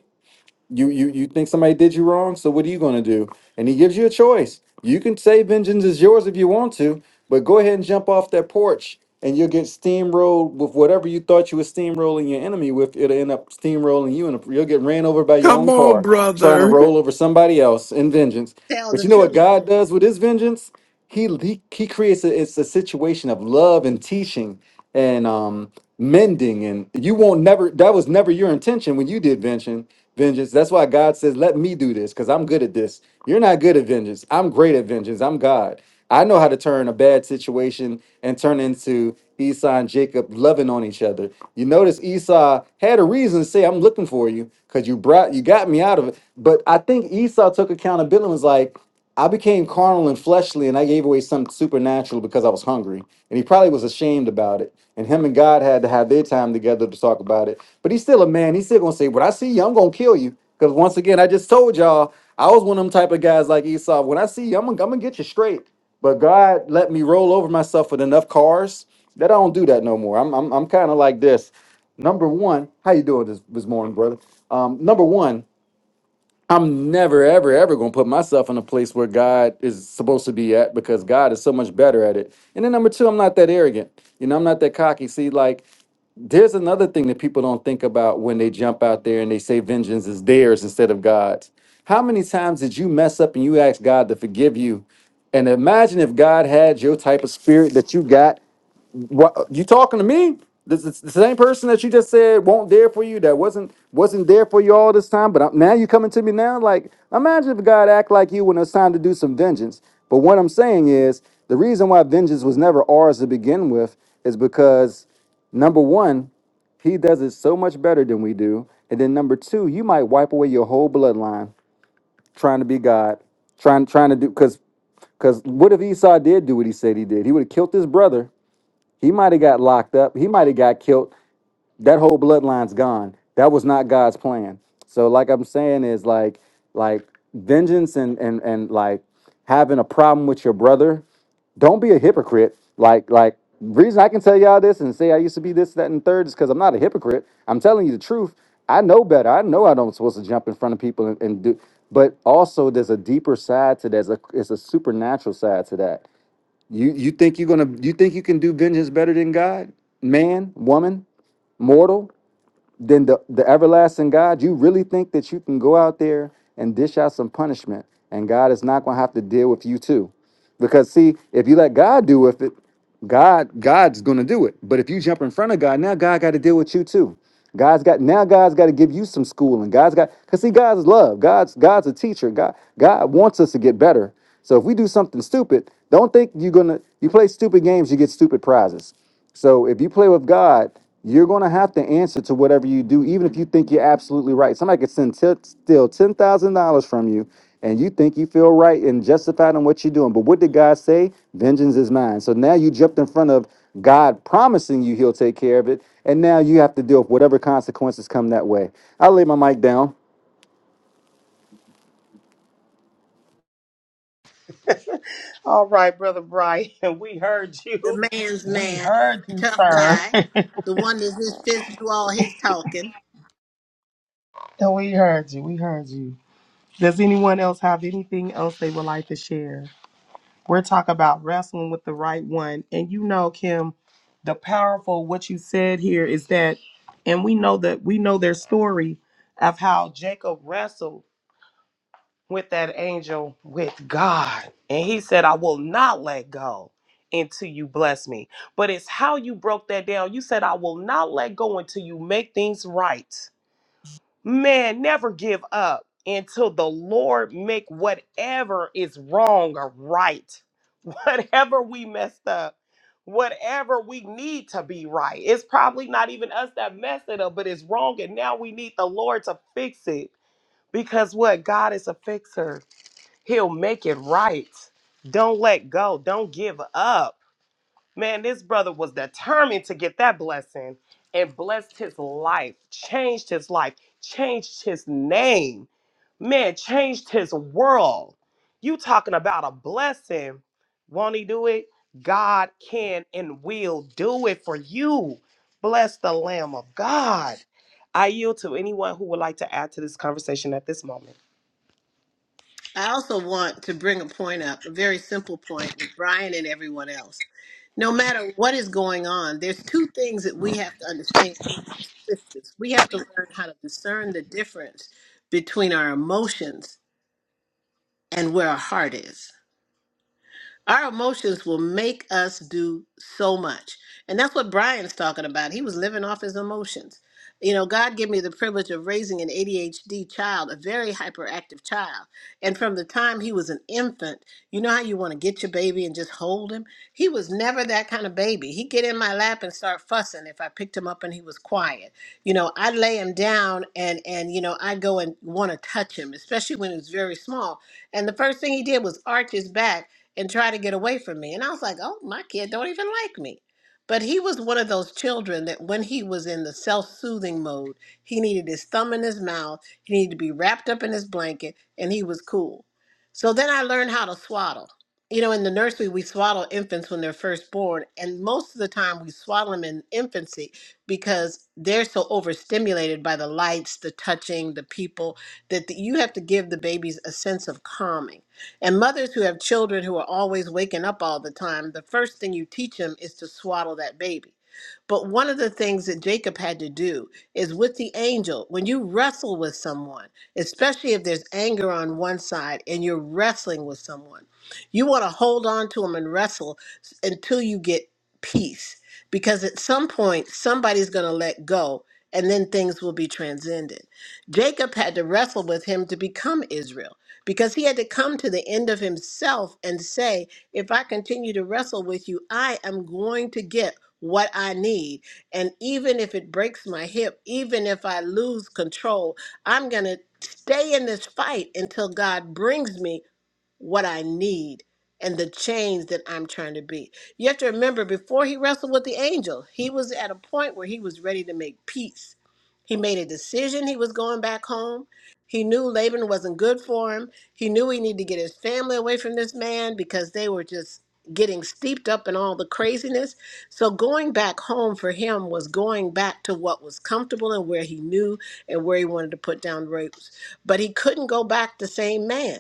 Speaker 5: you you you think somebody did you wrong, so what are you going to do? And he gives you a choice. You can say vengeance is yours if you want to, but go ahead and jump off that porch and you'll get steamrolled with whatever you thought you were steamrolling your enemy with. It'll end up steamrolling you and you'll get ran over by your
Speaker 1: Come
Speaker 5: own
Speaker 1: on,
Speaker 5: car trying to
Speaker 1: brother.
Speaker 5: roll over somebody else in vengeance.
Speaker 4: Tell
Speaker 5: But
Speaker 4: the
Speaker 5: you know what
Speaker 4: truth.
Speaker 5: God does with his vengeance? He he, he creates a, it's a situation of love and teaching. And um mending and you won't never that was never your intention when you did vengeance vengeance that's why god says let me do this because i'm good at this you're not good at vengeance i'm great at vengeance i'm god i know how to turn a bad situation and turn into esau and jacob loving on each other you notice esau had a reason to say i'm looking for you because you brought you got me out of it but i think esau took accountability and was like I became carnal and fleshly, and I gave away something supernatural because I was hungry. And he probably was ashamed about it. And him and God had to have their time together to talk about it. But he's still a man. He's still gonna say, "What I see you, I'm gonna kill you." Because once again, I just told y'all, I was one of them type of guys like Esau. When I see you, I'm gonna, I'm gonna get you straight. But God let me roll over myself with enough cars that I don't do that no more. I'm I'm, I'm kind of like this. Number one, how you doing this this morning, brother? Um, number one, I'm never, ever, ever going to put myself in a place where God is supposed to be at because God is so much better at it. And then number two, I'm not that arrogant. You know, I'm not that cocky. See, like, there's another thing that people don't think about when they jump out there and they say vengeance is theirs instead of God's. How many times did you mess up and you asked God to forgive you? And imagine if God had your type of spirit that you got what you talking to me? This is the same person that you just said won't there for you. That wasn't wasn't there for you all this time. But i now you coming to me now. Like imagine if God act like you when it's time to do some vengeance. But what I'm saying is the reason why vengeance was never ours to begin with is because number one, he does it so much better than we do. And then number two, you might wipe away your whole bloodline trying to be God, trying trying to do because because what if Esau did do what he said he did? He would have killed his brother he might have got locked up. He might have got killed. That whole bloodline's gone. That was not God's plan. So like I'm saying is like like vengeance and and and like having a problem with your brother. Don't be a hypocrite. Like like reason I can tell y'all this and say I used to be this that and third is because I'm not a hypocrite. I'm telling you the truth. I know better. I know I don't supposed to jump in front of people and, and do. But also there's a deeper side to that. There's a it's a supernatural side to that. You you think you're gonna you think you can do vengeance better than God, man, woman, mortal? Than the, the everlasting God, you really think that you can go out there and dish out some punishment and God is not going to have to deal with you too. Because see, if you let God do with it, God God's going to do it. But if you jump in front of God, now God got to deal with you too. God's got now God's got to give you some schooling. God's got cuz see God's love. God's God's a teacher. God God wants us to get better. So if we do something stupid, don't think you're going to you play stupid games, you get stupid prizes. So if you play with God, you're going to have to answer to whatever you do, even if you think you're absolutely right. Somebody could send t- still ten thousand dollars from you, and you think you feel right and justified in what you're doing. But what did God say? Vengeance is mine. So now you jumped in front of God promising you He'll take care of it, and now you have to deal with whatever consequences come that way. I will lay my mic down.
Speaker 2: All right, brother Brian, we heard you.
Speaker 4: The man's
Speaker 2: We
Speaker 4: man,
Speaker 2: heard you,
Speaker 4: tough
Speaker 2: sir.
Speaker 4: guy, the one that's his fist do all his talking.
Speaker 2: we heard you. We heard you. Does anyone else have anything else they would like to share? We're talking about wrestling with the right one. And you know, Kim, the powerful what you said here is that, and we know that we know their story of how Jacob wrestled with that angel with God. And he said, I will not let go until you bless me. But it's how you broke that down. You said, I will not let go until you make things right. Man, never give up until the Lord make whatever is wrong or right. Whatever we messed up, whatever we need to be right. It's probably not even us that messed it up, but it's wrong. And now we need the Lord to fix it. Because what? God is a fixer. He'll make it right. Don't let go. Don't give up. Man, this brother was determined to get that blessing and blessed his life, changed his life, changed his name, man, changed his world. You talking about a blessing. Won't he do it? God can and will do it for you. Bless the Lamb of God. I yield to anyone who would like to add to this conversation at this moment.
Speaker 4: I also want to bring a point up, a very simple point with Brian and everyone else. No matter what is going on, there's two things that we have to understand. Christians, we have to learn how to discern the difference between our emotions and where our heart is. Our emotions will make us do so much. And that's what Brian's talking about. He was living off his emotions. You know, God gave me the privilege of raising an ADHD child, a very hyperactive child. And from the time he was an infant, you know how you want to get your baby and just hold him? He was never that kind of baby. He'd get in my lap and start fussing if I picked him up and he was quiet. You know, I'd lay him down and and you know, I'd go and want to touch him, especially when he was very small. And the first thing he did was arch his back and try to get away from me. And I was like, oh, my kid don't even like me. But he was one of those children that when he was in the self soothing mode, he needed his thumb in his mouth, he needed to be wrapped up in his blanket, and he was cool. So then I learned how to swaddle. You know, in the nursery, we swaddle infants when they're first born, and most of the time we swaddle them in infancy because they're so overstimulated by the lights, the touching, the people, that the, you have to give the babies a sense of calming. And mothers who have children who are always waking up all the time, the first thing you teach them is to swaddle that baby. But one of the things that Jacob had to do is with the angel, when you wrestle with someone, especially if there's anger on one side and you're wrestling with someone, you want to hold on to them and wrestle s- until you get peace. Because at some point, somebody's going to let go and then things will be transcended. Jacob had to wrestle with him to become Israel because he had to come to the end of himself and say, If I continue to wrestle with you, I am going to get what I need. And even if it breaks my hip, even if I lose control, I'm going to stay in this fight until God brings me what I need and the change that I'm trying to be. You have to remember before he wrestled with the angel, he was at a point where he was ready to make peace. He made a decision he was going back home. He knew Laban wasn't good for him. He knew he needed to get his family away from this man because they were just getting steeped up in all the craziness. So going back home for him was going back to what was comfortable and where he knew and where he wanted to put down roots. But he couldn't go back the same man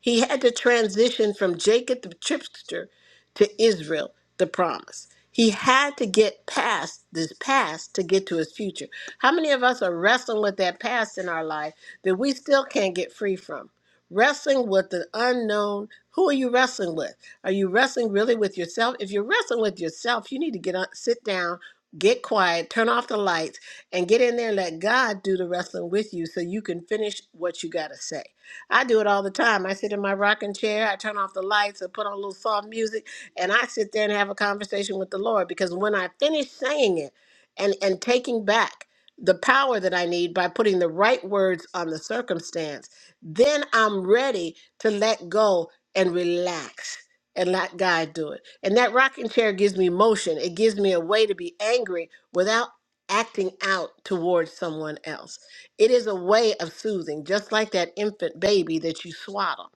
Speaker 4: he had to transition from Jacob the trickster to Israel the promise. He had to get past this past to get to his future. How many of us are wrestling with that past in our life that we still can't get free from? Wrestling with the unknown. Who are you wrestling with? Are you wrestling really with yourself? If you're wrestling with yourself, you need to get on, sit down, get quiet, turn off the lights, and get in there and let God do the wrestling with you so you can finish what you got to say. I do it all the time. I sit in my rocking chair, I turn off the lights, or put on a little soft music, and I sit there and have a conversation with the Lord because when I finish saying it and, and taking back the power that I need by putting the right words on the circumstance, then I'm ready to let go and relax and let God do it. And that rocking chair gives me motion. It gives me a way to be angry without acting out towards someone else. It is a way of soothing, just like that infant baby that you swaddle.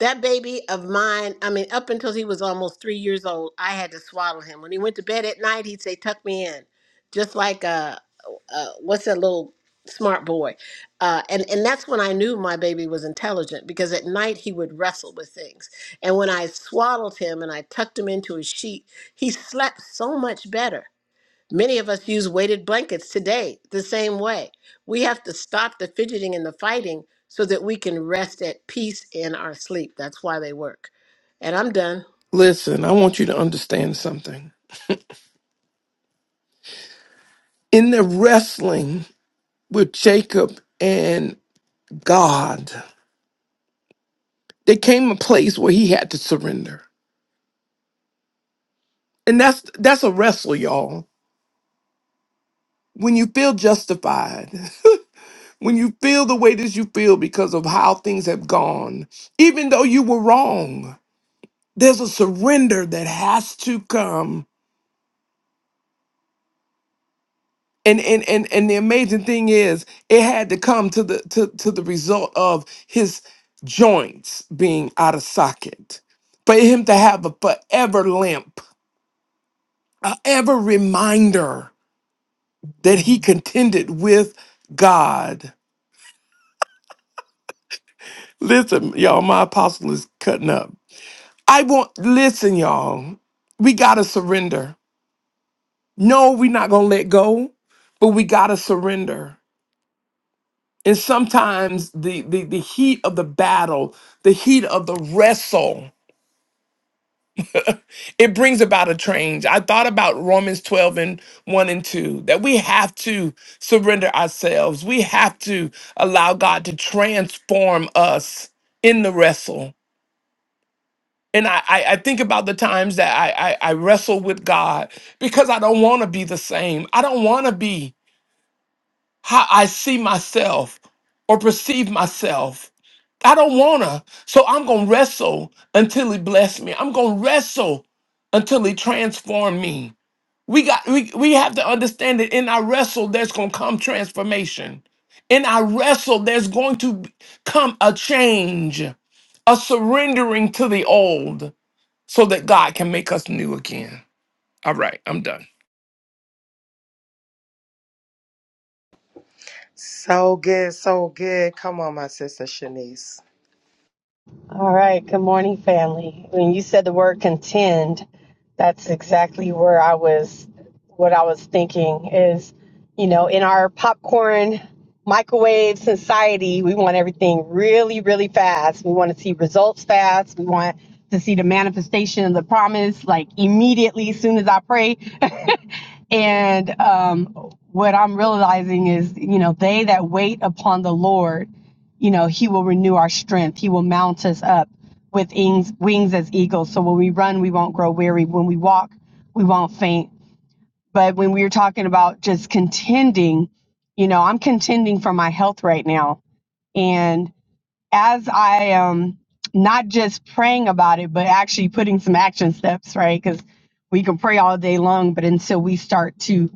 Speaker 4: That baby of mine, I mean, up until he was almost three years old, I had to swaddle him. When he went to bed at night, he'd say, Tuck me in. Just like, uh, uh, what's that little smart boy? Uh, and, and that's when I knew my baby was intelligent because at night he would wrestle with things. And when I swaddled him and I tucked him into his sheet, he slept so much better Many of us use weighted blankets today the same way. We have to stop the fidgeting and the fighting so that we can rest at peace in our sleep. That's why they work. And I'm done.
Speaker 1: Listen, I want you to understand something. In the wrestling, with Jacob and God, there came a place where he had to surrender. And that's that's a wrestle, y'all. When you feel justified, when you feel the way that you feel because of how things have gone, even though you were wrong, there's a surrender that has to come. And and and, and the amazing thing is it had to come to the to, to the result of his joints being out of socket. For him to have a forever limp a ever reminder that he contended with God. Listen, y'all, my apostle is cutting up. I want, listen, y'all, we got to surrender. No, we're not going to let go, but we got to surrender. And sometimes the, the, the heat of the battle, the heat of the wrestle, it brings about a change. I thought about Romans 12 and 1 and 2 that we have to surrender ourselves. We have to allow God to transform us in the wrestle. And I, I, I think about the times that I, I, I wrestle with God because I don't want to be the same. I don't want to be how I see myself or perceive myself. I don't want to. So I'm going to wrestle until He bless me. I'm going to wrestle until He transform me. We got we we have to understand that in our wrestle there's going to come transformation. In our wrestle there's going to come a change, a surrendering to the old so that God can make us new again. All right, I'm done.
Speaker 2: So good, so good. Come on, my sister Shanice.
Speaker 6: All right. Good morning, family. When you said the word contend, that's exactly where I was, what I was thinking is, you know, in our popcorn microwave society, we want everything really, really fast. We want to see results fast. We want to see the manifestation of the promise like immediately as soon as I pray. And um, what I'm realizing is, you know, they that wait upon the Lord, you know, He will renew our strength. He will mount us up with wings, wings as eagles. So when we run, we won't grow weary. When we walk, we won't faint. But when we were talking about just contending, you know, I'm contending for my health right now. And as I am not just praying about it, but actually putting some action steps, right? Because we can pray all day long, but until we start to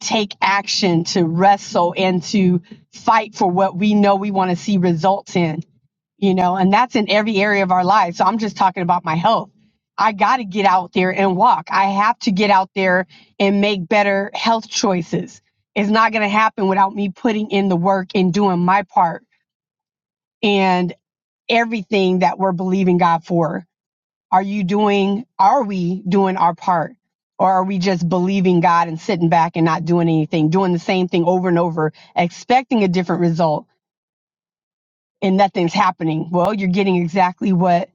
Speaker 6: take action, to wrestle, and to fight for what we know we want to see results in, you know, and that's in every area of our lives. So I'm just talking about my health. I got to get out there and walk. I have to get out there and make better health choices. It's not going to happen without me putting in the work and doing my part and everything that we're believing God for. Are you doing, are we doing our part? Or are we just believing God and sitting back and not doing anything, doing the same thing over and over, expecting a different result and nothing's happening? Well, you're getting exactly what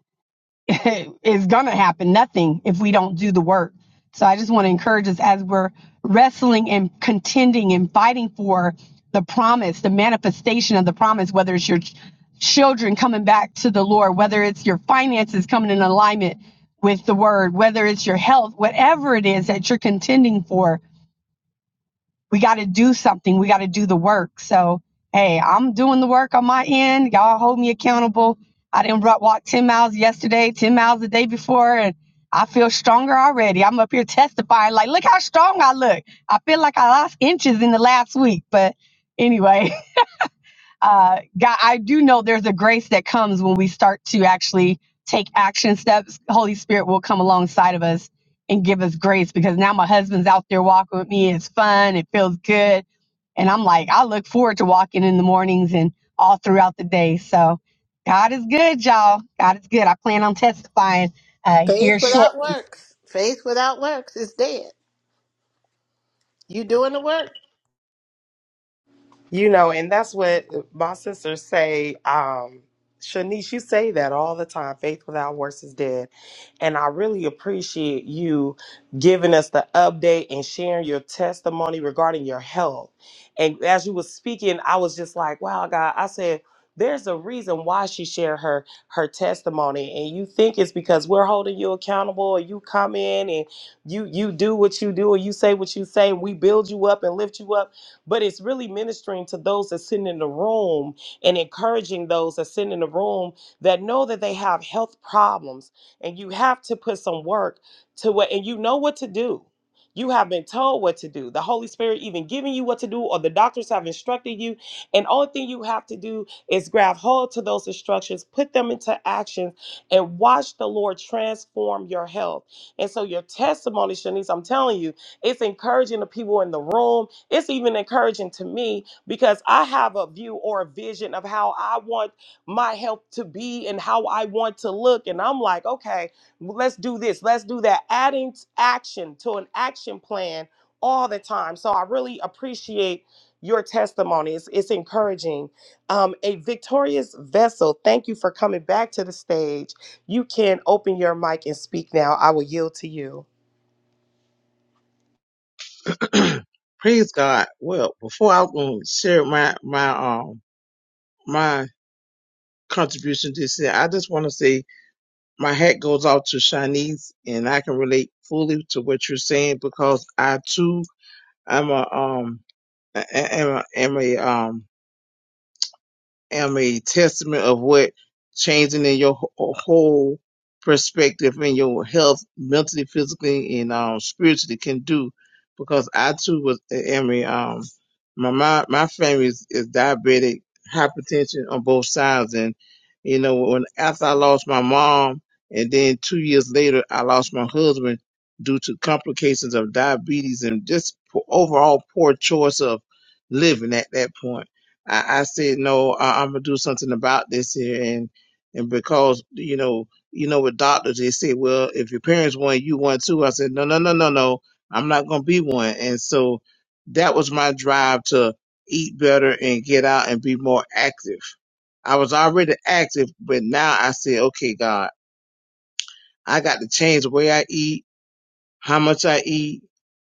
Speaker 6: is going to happen nothing if we don't do the work. So I just want to encourage us as we're wrestling and contending and fighting for the promise, the manifestation of the promise, whether it's your ch- children coming back to the Lord, whether it's your finances coming in alignment with the word, whether it's your health, whatever it is that you're contending for, we got to do something. We got to do the work. So, hey, I'm doing the work on my end. Y'all hold me accountable. I didn't walk 10 miles yesterday, 10 miles the day before, and I feel stronger already. I'm up here testifying, like, look how strong I look. I feel like I lost inches in the last week. But anyway, Uh, God, I do know there's a grace that comes when we start to actually take action steps. Holy Spirit will come alongside of us and give us grace because now my husband's out there walking with me. It's fun. It feels good. And I'm like, I look forward to walking in the mornings and all throughout the day. So God is good, y'all. God is good. I plan on testifying uh,
Speaker 4: Faith
Speaker 6: here shortly.
Speaker 4: without works. Faith without works is dead. You doing the work?
Speaker 2: You know, and that's what my sisters say. Um, Shanice, you say that all the time. Faith without works is dead. And I really appreciate you giving us the update and sharing your testimony regarding your health. And as you were speaking, I was just like, wow, God, I said, there's a reason why she shared her her testimony. And you think it's because we're holding you accountable and you come in and you you do what you do and you say what you say and we build you up and lift you up but it's really ministering to those that sit in the room and encouraging those that sit in the room that know that they have health problems and you have to put some work to what and you know what to do. You have been told what to do. The Holy Spirit even giving you what to do, or the doctors have instructed you. And only thing you have to do is grab hold to those instructions, put them into action, and watch the Lord transform your health. And so your testimony, Shanice, I'm telling you, it's encouraging the people in the room. It's even encouraging to me because I have a view or a vision of how I want my health to be and how I want to look. And I'm like, okay, let's do this, let's do that. Adding t- action to an action plan all the time. So I really appreciate your testimony. It's, it's encouraging. Um, a victorious vessel, thank you for coming back to the stage. You can open your mic and speak now. I will yield to you.
Speaker 7: Praise God. Well, before I um, share my my um my contribution this year, I just want to say my hat goes out to Shanice, and I can relate fully to what you're saying because I too am a um a- a- am a, am a um am a testament of what changing in your wh- whole perspective and your health, mentally, physically, and um, spiritually can do. Because I too was, am a, um, my, my, my family is, is diabetic, hypertension on both sides. And, you know, when, after I lost my mom and then two years later, I lost my husband due to complications of diabetes and just po- overall poor choice of living at that point I, I said, no, I, I'm gonna do something about this here, and and because you know, you know, with doctors they say, well, if your parents want you want too. I said, no, no, no, no, no, I'm not gonna be one, and so that was my drive to eat better and get out and be more active. I was already active, but now I said, okay, God, I got to change the way I eat how much I eat,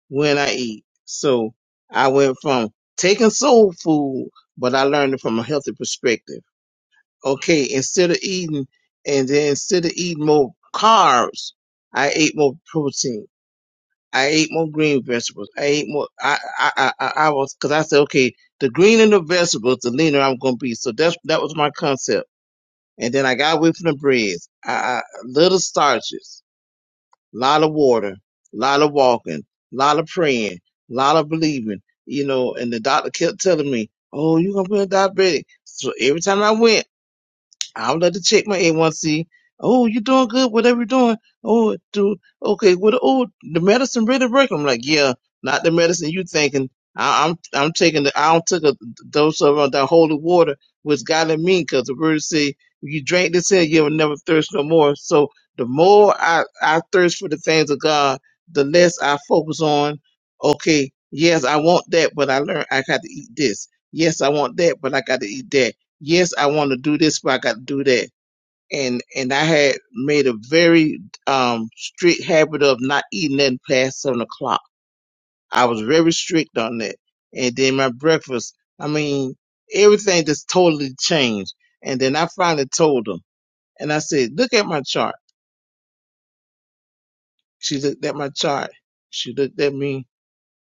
Speaker 7: when I eat. So I went from taking soul food, but I learned it from a healthy perspective. Okay, instead of eating, and then instead of eating more carbs, I ate more protein. I ate more green vegetables. I ate more. I I I, I I was because I said, okay, the greener the vegetables, the leaner I'm going to be. So that's that was my concept. And then I got away from the breads. I, I little starches lot of water, lot of walking, lot of praying, lot of believing, you know, and the doctor kept telling me, Oh, you're gonna be a diabetic. So every time I went, I would love to check my A1C. Oh, you doing good, whatever you're doing. Oh, dude, okay, what, oh, the medicine really working. I'm like, yeah, not the medicine you thinking. I, I'm, I'm taking the, I don't took a dose of uh, that holy water, which God in me, because the word say, if you drink this here, you will never thirst no more. So the more I, I thirst for the things of God, the less I focus on, okay, yes, I want that, but I learned I got to eat this. Yes, I want that, but I got to eat that yes, I want to do this, but I got to do that. And and I had made a very um, strict habit of not eating nothing past seven o'clock. I was very strict on that. And then my breakfast, I mean, everything just totally changed. And then I finally told her, and I said, "Look at my chart." She looked at my chart. She looked at me,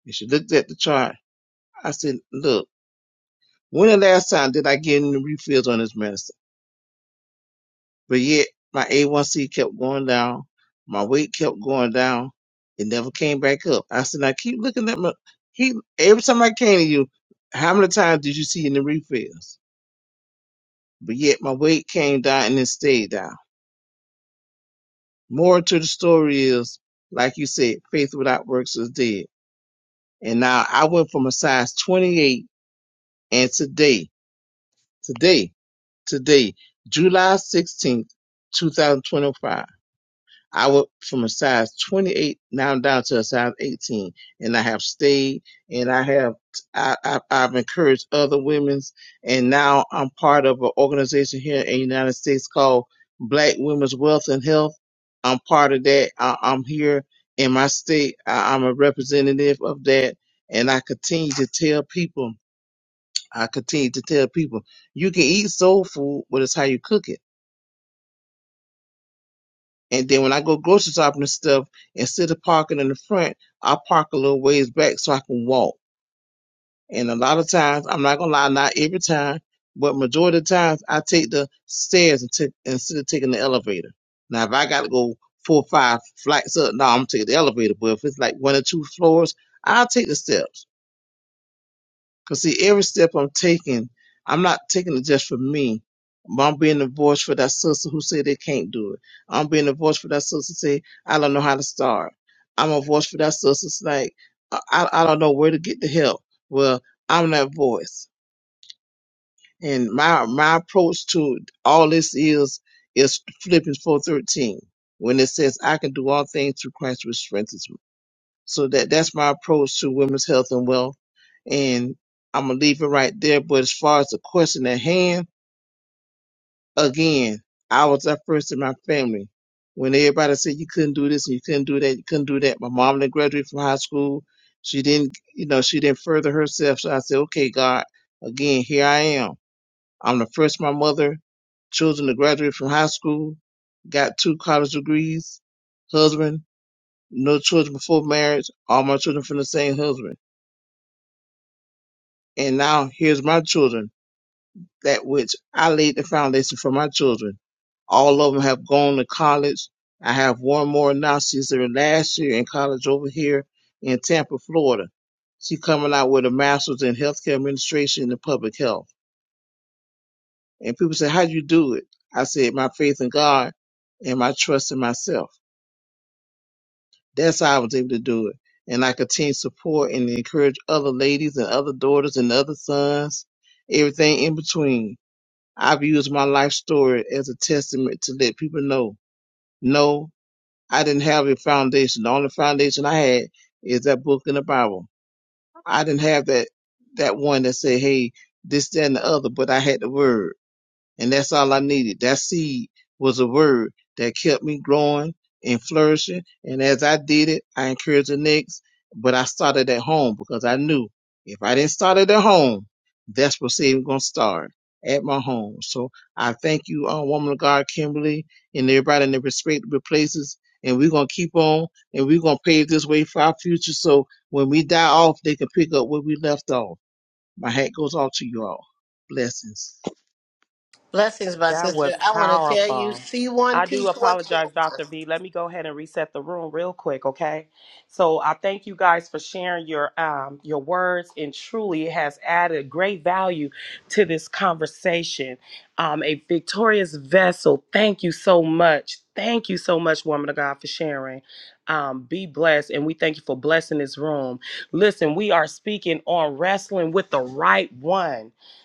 Speaker 7: and she looked at the chart. I said, "Look, when the last time did I get any refills on this medicine?" But yet my A1C kept going down. My weight kept going down. It never came back up. I said, now keep looking at my keep every time I came to you, how many times did you see in the refills? But yet my weight came down and it stayed down. More to the story is, like you said, faith without works is dead. And now I went from a size 28 and today, today, today, July 16th, 2025. I went from a size 28 now I'm down to a size 18, and I have stayed, and I have I, I, I've encouraged other women's, and now I'm part of an organization here in the United States called Black Women's Wealth and Health. I'm part of that. I, I'm here in my state. I, I'm a representative of that, and I continue to tell people. I continue to tell people you can eat soul food, but it's how you cook it And then when I go grocery shopping and stuff, instead of parking in the front, I park a little ways back so I can walk. And a lot of times, I'm not gonna lie, not every time, but majority of the times I take the stairs and t- instead of taking the elevator. Now if I gotta go four or five flights up, no, I'm gonna take the elevator. But if it's like one or two floors, I'll take the steps. Cause see, every step I'm taking, I'm not taking it just for me. I'm being the voice for that sister who said they can't do it. I'm being the voice for that sister say I don't know how to start. I'm a voice for that sister that's like I, I I don't know where to get the help. Well, I'm that voice, and my my approach to all this is is Philippians four thirteen when it says I can do all things through Christ which strengthens me. So that that's my approach to women's health and wealth. And I'm gonna leave it right there. But as far as the question at hand, again, I was that first in my family. When everybody said you couldn't do this and you couldn't do that, you couldn't do that. My mom didn't graduate from high school. She didn't, you know, she didn't further herself. So I said, okay, God, again, here I am. I'm the first of my mother children to graduate from high school, got two college degrees, husband, no children before marriage, all my children from the same husband. And now here's my children, that which I laid the foundation for my children. All of them have gone to college. I have one more now. She's there last year in college over here in Tampa, Florida. She coming out with a master's in healthcare administration and public health. And people say, how do you do it? I said, my faith in God and my trust in myself. That's how I was able to do it. And I continue to support and encourage other ladies and other daughters and other sons, everything in between I've used my life story as a testament to let people know, no, I didn't have a foundation. The only foundation I had is that book in the Bible. I didn't have that that one that said, hey, this, that, and the other, but I had the word. And that's all I needed. That seed was a word that kept me growing and flourishing. And as I did it, I encouraged the next, but I started at home because I knew if I didn't start it at home, that's where saving going to start at my home. So I thank you, uh, woman of God, Kimberly, and everybody in their respective places. And we're going to keep on and we're going to pave this way for our future. So when we die off, they can pick up where we left off. My hat goes off to you all. Blessings.
Speaker 4: Blessings, my
Speaker 2: That
Speaker 4: sister.
Speaker 2: was
Speaker 4: I want to tell you,
Speaker 2: powerful.
Speaker 4: see one,
Speaker 2: I do
Speaker 4: teach one,
Speaker 2: apologize,
Speaker 4: show
Speaker 2: Dr. V. Let me go ahead and reset the room real quick, okay? So I thank you guys for sharing your um your words and truly it has added great value to this conversation. Um a victorious vessel. Thank you so much. Thank you so much, woman of God, for sharing. Um, be blessed, and we thank you for blessing this room. Listen, we are speaking on wrestling with the right one.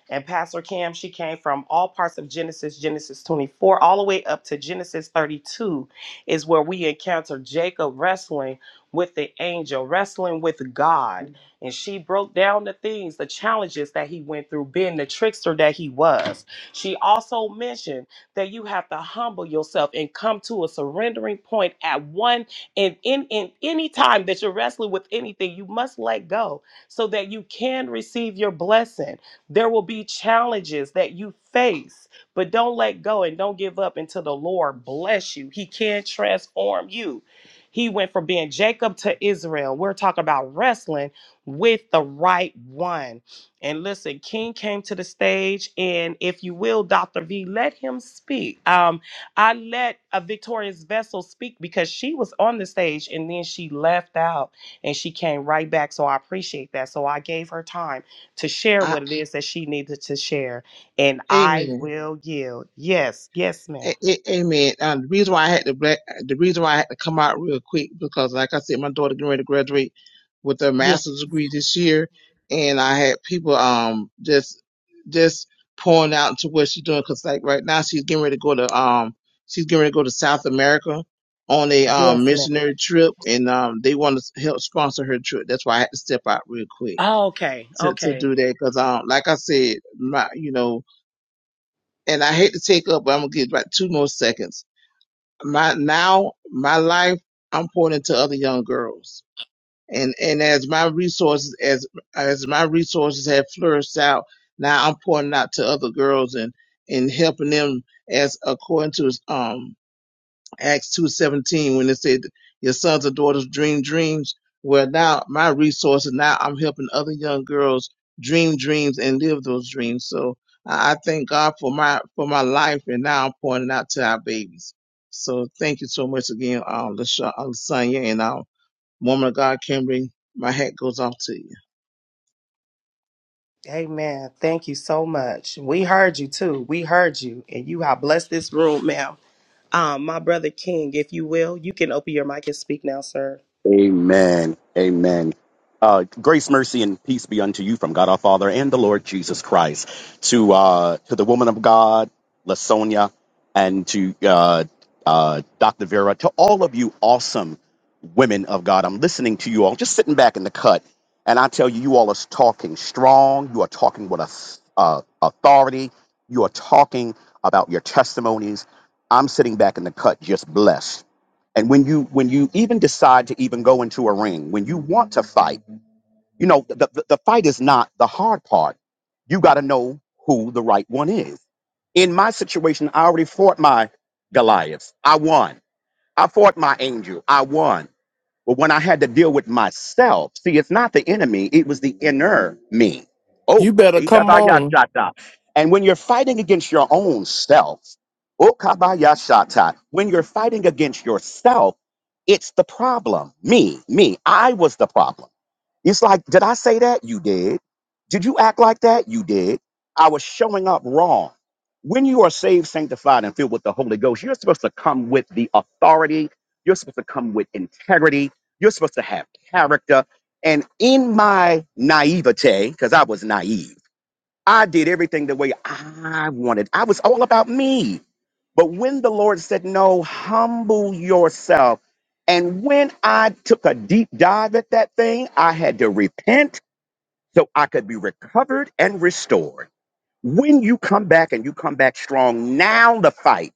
Speaker 2: And Pastor Cam, she came from all parts of Genesis, Genesis 24, all the way up to Genesis 32, is where we encounter Jacob wrestling with the angel, wrestling with God. And she broke down the things, the challenges that he went through, being the trickster that he was. She also mentioned that you have to humble yourself and come to a surrendering point at one and in, in any time that you're wrestling with anything, you must let go so that you can receive your blessing. There will be challenges that you face, but don't let go and don't give up until the Lord bless you. He can transform you. He went from being Jacob to Israel. We're talking about wrestling with the right one. And listen, King came to the stage, and if you will, Dr. V, let him speak. Um, I let a victorious vessel speak because she was on the stage and then she left out and she came right back. So I appreciate that. So I gave her time to share
Speaker 7: I,
Speaker 2: what it is that she needed to share. And I
Speaker 7: amen.
Speaker 2: will yield. Yes, yes, ma'am.
Speaker 7: A- a- Amen. Um, the reason why I had to black, the reason why I had to come out real quick because, like I said, my daughter getting ready to graduate with a
Speaker 2: Yes,
Speaker 7: master's degree this year, and I had people um just just pouring out into what she's doing because, like, right now she's getting ready to go to um she's getting ready to go to South America on a um
Speaker 2: yes, ma'am.
Speaker 7: missionary trip, and um they want to help sponsor her trip. That's why I had to step out real quick
Speaker 2: Oh, okay,
Speaker 7: to to
Speaker 2: okay.
Speaker 7: do that because um like I said, my you know, and I hate to take up, but I'm gonna give about two more seconds my now my life I'm pouring into other young girls and and as my resources as as my resources have flourished out now I'm pouring out to other girls and and helping them as according to um Acts two seventeen when it said your sons or daughters dream dreams. Well, now my resources now I'm helping other young girls dream dreams and live those dreams. So I I thank God for my for my life, and now I'm pointing out to our babies. So thank you so much again, um, Lasha, um, Sonya, and um, woman of God, Kimberly. My hat goes off to you.
Speaker 2: Amen. Thank you so much. We heard you too. We heard you. And you have blessed this room, ma'am. Um, my brother King, if you will, you can open your mic and speak now, sir.
Speaker 8: Amen. Amen. Uh, grace, mercy, and peace be unto you from God our Father and the Lord Jesus Christ. To uh, to the woman of God, Lasonia, and to uh, uh, Dr. Vera, to all of you awesome women of God. I'm listening to you all, just sitting back in the cut, and I tell you, you all are talking strong. You are talking with a, uh, authority. You are talking about your testimonies. I'm sitting back in the cut, just blessed and when you when you even decide to even go into a ring, when you want to fight, you know the, the, the fight is not the hard part. You got to know who the right one is. In my situation, I already fought my Goliaths. I won. I fought my angel. I won. But when I had to deal with myself, see, it's not the enemy, it was the inner me. Oh,
Speaker 1: You better come on.
Speaker 8: ikabayashata. and when you're fighting against your own self, oh, kabayashata, when you're fighting against yourself, it's the problem. Me, me, I was the problem. It's like, did I say that? You did. Did you act like that? You did. I was showing up wrong. When you are saved, sanctified, and filled with the Holy Ghost, you're supposed to come with the authority. You're supposed to come with integrity. You're supposed to have character. And in my naivete, because I was naive, I did everything the way I wanted. I was all about me. But when the Lord said, No, humble yourself. And when I took a deep dive at that thing, I had to repent so I could be recovered and restored. When you come back and you come back strong, now the fight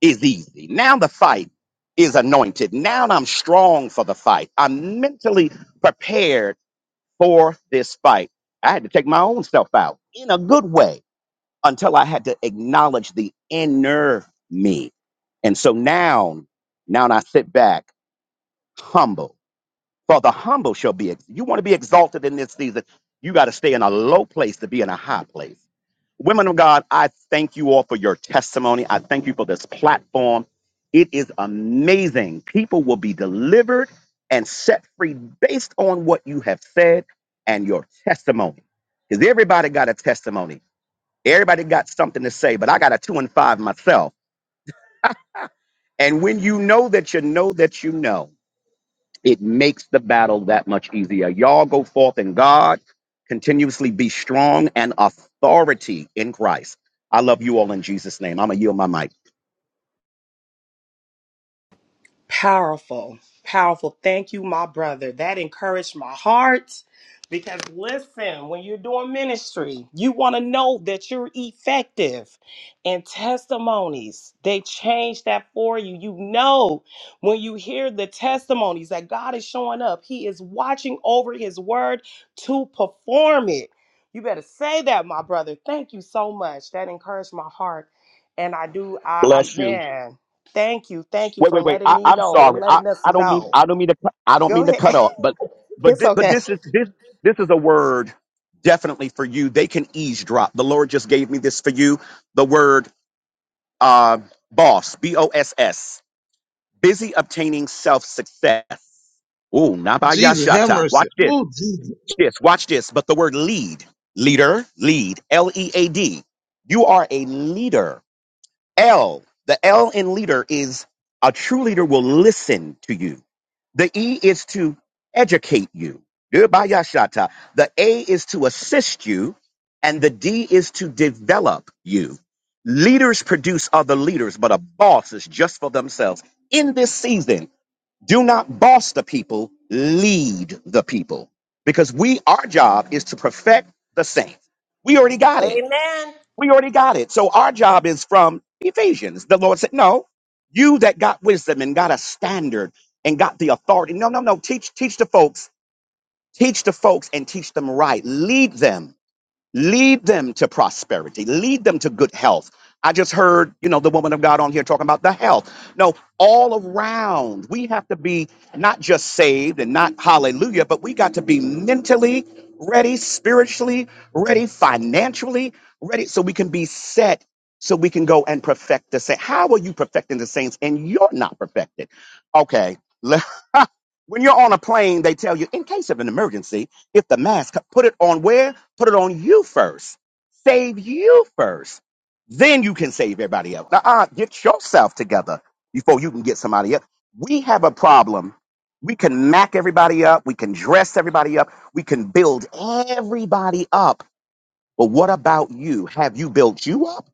Speaker 8: is easy. Now the fight is anointed. Now I'm strong for the fight. I'm mentally prepared for this fight. I had to take my own self out in a good way until I had to acknowledge the inner me. And so now, now I sit back humble. For the humble shall be, ex- you want to be exalted in this season, you got to stay in a low place to be in a high place. Women of God, I thank you all for your testimony. I thank you for this platform. It is amazing. People will be delivered and set free based on what you have said and your testimony. Because everybody got a testimony. Everybody got something to say, but I got a two and five myself. And when you know that you know that you know, it makes the battle that much easier. Y'all go forth in God, continuously be strong and authority in Christ. I love you all in Jesus' name. I'm gonna yield my mic.
Speaker 2: Powerful, powerful. Thank you, my brother. That encouraged my heart because listen, when you're doing ministry, you want to know that you're effective. And testimonies, they change that for you. You know, when you hear the testimonies that God is showing up, He is watching over His word to perform it. You better say that, my brother. Thank you so much. That encouraged my heart. And I do, I, I
Speaker 8: Bless you.
Speaker 2: man. Thank you. Thank you
Speaker 8: Wait,
Speaker 2: for
Speaker 8: wait, wait.
Speaker 2: letting
Speaker 8: I,
Speaker 2: me
Speaker 8: I'm
Speaker 2: know and
Speaker 8: sorry. I,
Speaker 2: letting us
Speaker 8: I don't mean
Speaker 2: know.
Speaker 8: I don't mean to cut- I don't
Speaker 2: Go
Speaker 8: mean to cut
Speaker 2: ahead.
Speaker 8: off, but but
Speaker 2: It's
Speaker 8: thi- but
Speaker 2: okay.
Speaker 8: this is this this is a word definitely for you. They can eavesdrop. The Lord just gave me this for you. The word uh, boss, B O S S, busy obtaining self success. Ooh,
Speaker 7: Jesus, have
Speaker 8: nabayashata.
Speaker 7: mercy.
Speaker 8: Watch this,
Speaker 7: Oh, Jesus.
Speaker 8: watch this, watch this. But the word lead, leader, lead, L E A D. You are a leader. L, the L in leader is a true leader will listen to you. The E is to educate you. Yerbayashata. The A is to assist you, and the D is to develop you. Leaders produce other leaders, but a boss is just for themselves. In this season, do not boss the people, lead the people. Because we, our job is to perfect the saints. We already got
Speaker 4: one.
Speaker 8: it.
Speaker 4: Amen.
Speaker 8: We already got it. So our job is from Ephesians. The Lord said, No, you that got wisdom and got a standard and got the authority. No, no, no. Teach, teach the folks, teach the folks and teach them right. Lead them Lead them to prosperity. Lead them to good health. I just heard, you know, the woman of God on here talking about the health. No, all around, we have to be not just saved and not hallelujah, but we got to be mentally ready, spiritually ready, financially ready, so we can be set, so we can go and perfect the saints. How are you perfecting the saints and you're not perfected? Okay. le- when you're on a plane, they tell you, in case of an emergency, if the mask, put it on where? Put it on you first. Save you first. Then you can save everybody else. Now, uh, get yourself together before you can get somebody else. We have a problem. We can mac everybody up. We can dress everybody up. We can build everybody up. But what about you? Have you built you up?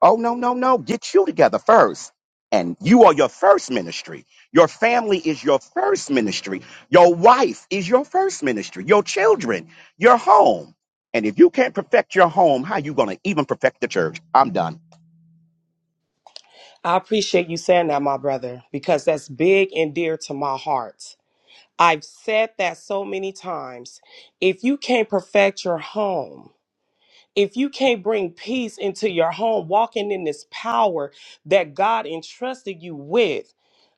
Speaker 8: Oh, no, no, no. Get you together first. And you are your first ministry. Your family is your first ministry. Your wife is your first ministry. Your children, your home. And if you can't perfect your home, how you going to even perfect the church? I'm done.
Speaker 2: I appreciate you saying that, my brother, because that's big and dear to my heart. I've said that so many times. If you can't perfect your home, if you can't bring peace into your home walking in this power that god entrusted you with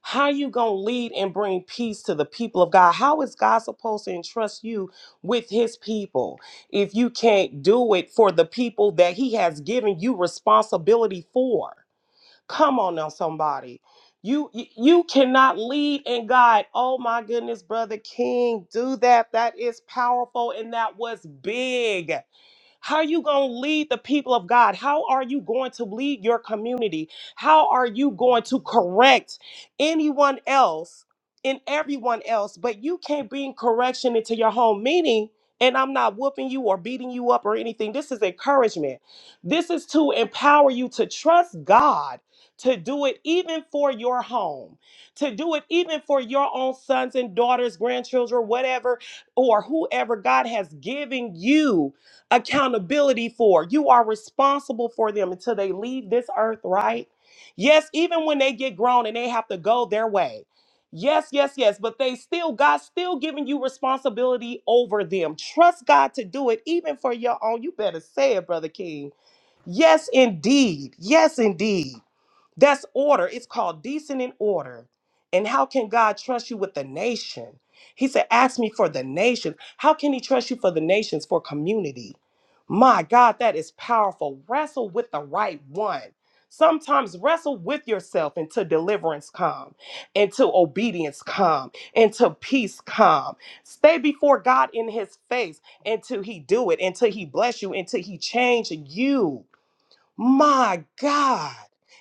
Speaker 2: how you gonna lead and bring peace to the people of god how is god supposed to entrust you with his people if you can't do it for the people that he has given you responsibility for come on now somebody you you you cannot lead and guide oh my goodness brother king do that that is powerful and that was big how are you going to lead the people of God? How are you going to lead your community? How are you going to correct anyone else and everyone else? But you can't bring correction into your home, meaning, and I'm not whooping you or beating you up or anything. This is encouragement. This is to empower you to trust God to do it even for your home, to do it even for your own sons and daughters, grandchildren, whatever, or whoever God has given you accountability for. You are responsible for them until they leave this earth, right? Yes, even when they get grown and they have to go their way. Yes, yes, yes, but they still, God's still giving you responsibility over them. Trust God to do it, even for your own. You better say it, Brother King. Yes, indeed. Yes, indeed. That's order. It's called decent in order. And how can God trust you with the nation? He said, Ask me for the nation. How can He trust you for the nations, for community? My God, that is powerful. Wrestle with the right one. Sometimes wrestle with yourself until deliverance come, until obedience come, until peace come. Stay before God in his face until he do it, until he bless you, until he change you. My God.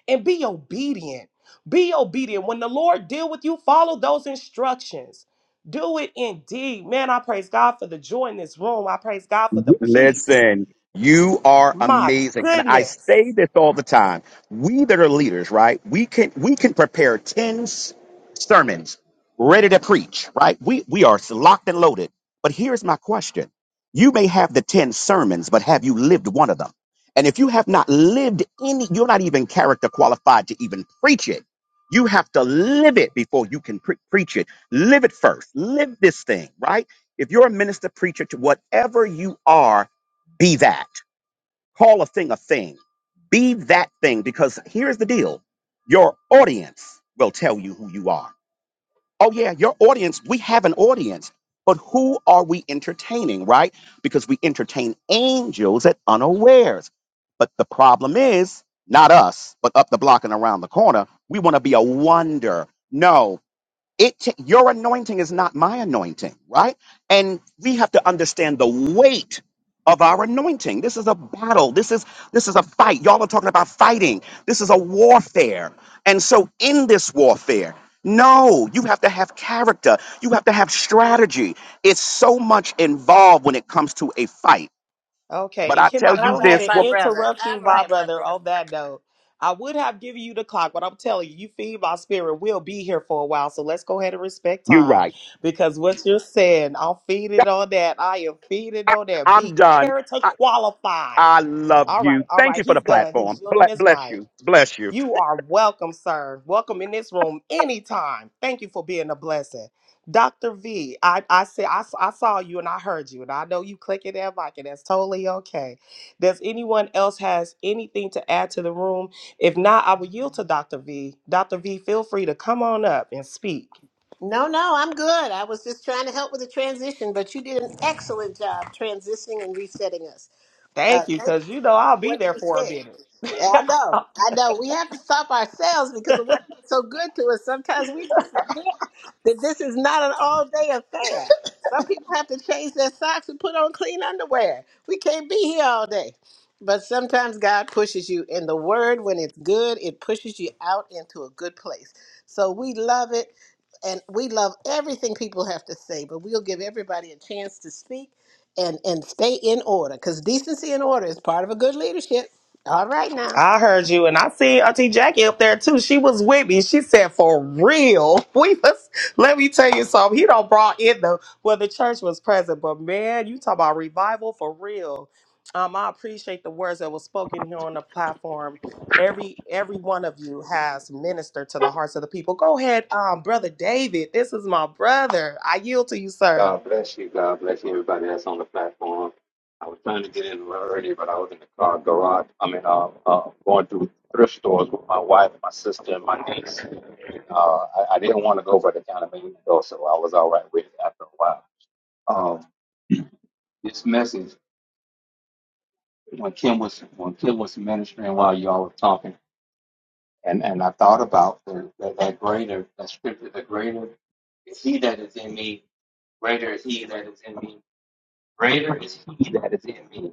Speaker 2: And be obedient. Be obedient. When the Lord deal with you, follow those instructions. Do it indeed. Man, I praise God for the joy in this room. I praise God for the peace.
Speaker 8: Listen, you are
Speaker 2: My
Speaker 8: amazing. And I
Speaker 2: goodness.
Speaker 8: say this all the time. We that are leaders, right? We can we can prepare 10 s- sermons ready to preach, right? We we are locked and loaded. But here's my question. You may have the 10 sermons, but have you lived one of them? And if you have not lived any, you're not even character qualified to even preach it. You have to live it before you can pre- preach it. Live it first. Live this thing, right? If you're a minister, preacher, to whatever you are, be that. Call a thing a thing. Be that thing because here's the deal your audience will tell you who you are. Oh, yeah, your audience, we have an audience, but who are we entertaining, right? Because we entertain angels at unawares. But the problem is not us, but up the block and around the corner. We want to be a wonder. No it ta- your anointing is not my anointing right and we have to understand the weight of our anointing this is a battle this is this is a fight y'all are talking about fighting this is a warfare and so in this warfare no you have to have character you have to have strategy it's so much involved when it comes to a fight
Speaker 2: Okay,
Speaker 8: but
Speaker 2: and
Speaker 8: i
Speaker 2: can
Speaker 8: tell
Speaker 2: I
Speaker 4: All
Speaker 8: you
Speaker 2: go ahead
Speaker 4: right,
Speaker 8: this
Speaker 2: and
Speaker 4: my
Speaker 8: wo-
Speaker 4: brother.
Speaker 2: interrupt you,
Speaker 4: All
Speaker 2: my
Speaker 4: right, my
Speaker 2: brother,
Speaker 4: brother.
Speaker 2: on that note? I would have given you the clock, but I'm telling you, you feed my spirit. We'll be here for a while, so let's go ahead and respect
Speaker 8: you're
Speaker 2: time
Speaker 8: right
Speaker 2: because what you're saying, I'm feeding on that. I am feeding
Speaker 8: I,
Speaker 2: on that.
Speaker 8: am
Speaker 2: Be
Speaker 8: done
Speaker 2: character
Speaker 8: I,
Speaker 2: qualified.
Speaker 8: I love
Speaker 2: All right,
Speaker 8: you
Speaker 2: all
Speaker 8: thank
Speaker 2: right.
Speaker 8: you for
Speaker 2: He's
Speaker 8: the
Speaker 2: done. He's
Speaker 8: platform Ble-
Speaker 2: yielding his
Speaker 8: bless
Speaker 2: mic.
Speaker 8: you bless you
Speaker 2: You are welcome, sir. Welcome in this room anytime. Thank you for being a blessing. Dr. V, I, I said I, s- I saw you and I heard you, and I know you clicking that mic, and that's totally okay. Does anyone else has anything to add to the room? If not, I will yield to Dr. V. Dr. V, feel free to come on up and speak.
Speaker 4: No, no, I'm good. I was just trying to help with the transition, but you did an excellent job transitioning and resetting us. Uh,
Speaker 2: Thank you,
Speaker 4: thank you
Speaker 2: because
Speaker 4: for
Speaker 2: you know I'll be
Speaker 4: what
Speaker 2: there
Speaker 4: you
Speaker 2: for a
Speaker 4: said.
Speaker 2: minute.
Speaker 4: Yeah, I know. I know. We have to stop ourselves because of what is so good to us. Sometimes we just forget that this is not an all day affair. Some people have to change their socks and put on clean underwear. We can't be here all day. But sometimes God pushes you in the word when it's good, it pushes you out into a good place. So we love it and we love everything people have to say, but we'll give everybody a chance to speak and and stay in order because decency and order is part of a good leadership. All right now,
Speaker 2: I heard you, and I seen Auntie Jackie up there too. She was with me. She said, "For real, we was." Let me tell you something. He don't brought in the well. The church was present, but man, you talk about revival for real. Um, I appreciate the words that was spoken here on the platform. Every every one of you has ministered to the hearts of the people. Go ahead, um, brother David. This is my brother. I yield to you, sir.
Speaker 9: God bless you. God bless you, everybody that's on the platform. I was trying to get in a little earlier, but I was in the car garage. I mean, uh, uh, going through thrift stores with my wife, my sister, and my niece. Uh, I, I didn't want to go where the kind of made me go, so I was all right with it after a while. Um, this message, when Kim was when Kim was ministering while y'all were talking, and, and I thought about the, that, that greater, that scripture, the greater is he that is in me, greater is he that is in me, greater is he that is in me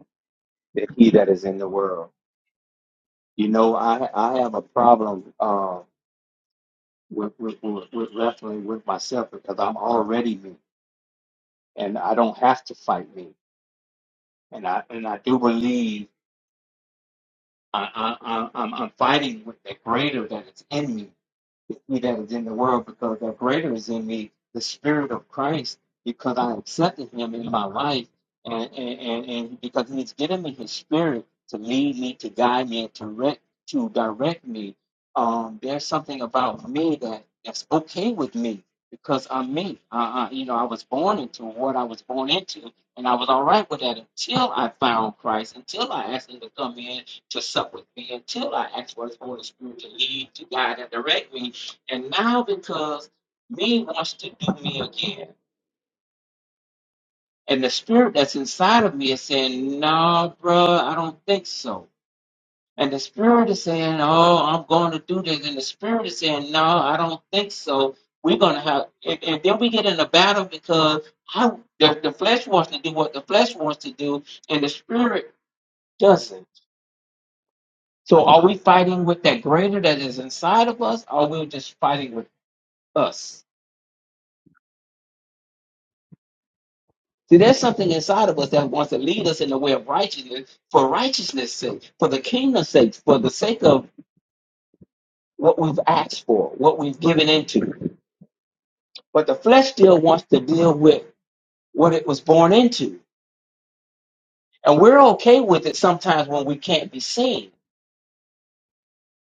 Speaker 9: that he that is in the world. You know, I I have a problem uh, with, with, with with wrestling with myself because I'm already me, and I don't have to fight me. And I and I do believe I, I, I I'm, I'm fighting with the greater that is in me the he that is in the world, because the greater is in me, the Spirit of Christ, because I accepted him in my life, and, and, and, and because he's given me his spirit to lead me, to guide me, and to, rec- to direct me. Um, there's something about me that, that's okay with me because I'm me. Uh, uh, you know, I was born into what I was born into, and I was all right with that until I found Christ, until I asked him to come in to sup with me until I asked for His Holy Spirit to lead, to guide, and direct me. And now because me wants to do me again. And the spirit that's inside of me is saying, "No, bruh, I don't think so. And the spirit is saying, oh, I'm going to do this. And the spirit is saying, no, I don't think so. We're going to have, and, and then we get in a battle because I, the, the flesh wants to do what the flesh wants to do, and the spirit doesn't. So are we fighting with that greater that is inside of us, or are we just fighting with us? See, there's something inside of us that wants to lead us in the way of righteousness for righteousness' sake, for the kingdom's sake, for the sake of what we've asked for, what we've given into. But the flesh still wants to deal with what it was born into. And we're okay with it sometimes when we can't be seen.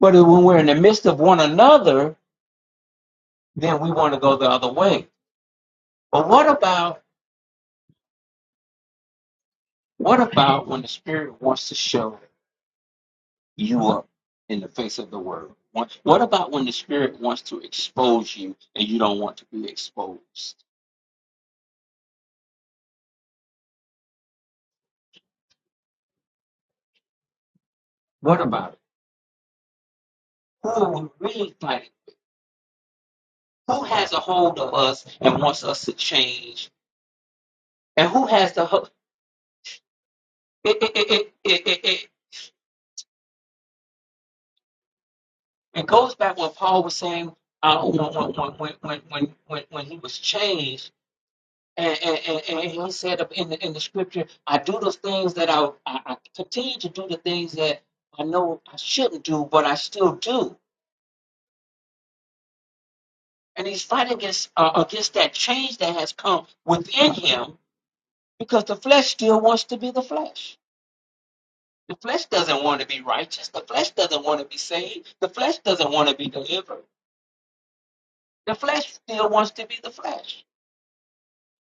Speaker 9: But when we're in the midst of one another, then we want to go the other way. But what about what about when the spirit wants to show? you up in the face of the world. What what about when the spirit wants to expose you and you don't want to be exposed? What about it? Who are we really fighting? Who has a hold of us and wants us to change? And who has the ho- it it it it it, it, it, it goes back what Paul was saying uh, when, when, when, when, when, when he was changed And, and, and, he said in the, in the scripture, I do the things that I, I, I continue to do the things that I know I shouldn't do, but I still do. And he's fighting against, uh, against that change that has come within him because the flesh still wants to be the flesh. The flesh doesn't want to be righteous. The flesh doesn't want to be saved. The flesh doesn't want to be delivered. The flesh still wants to be the flesh.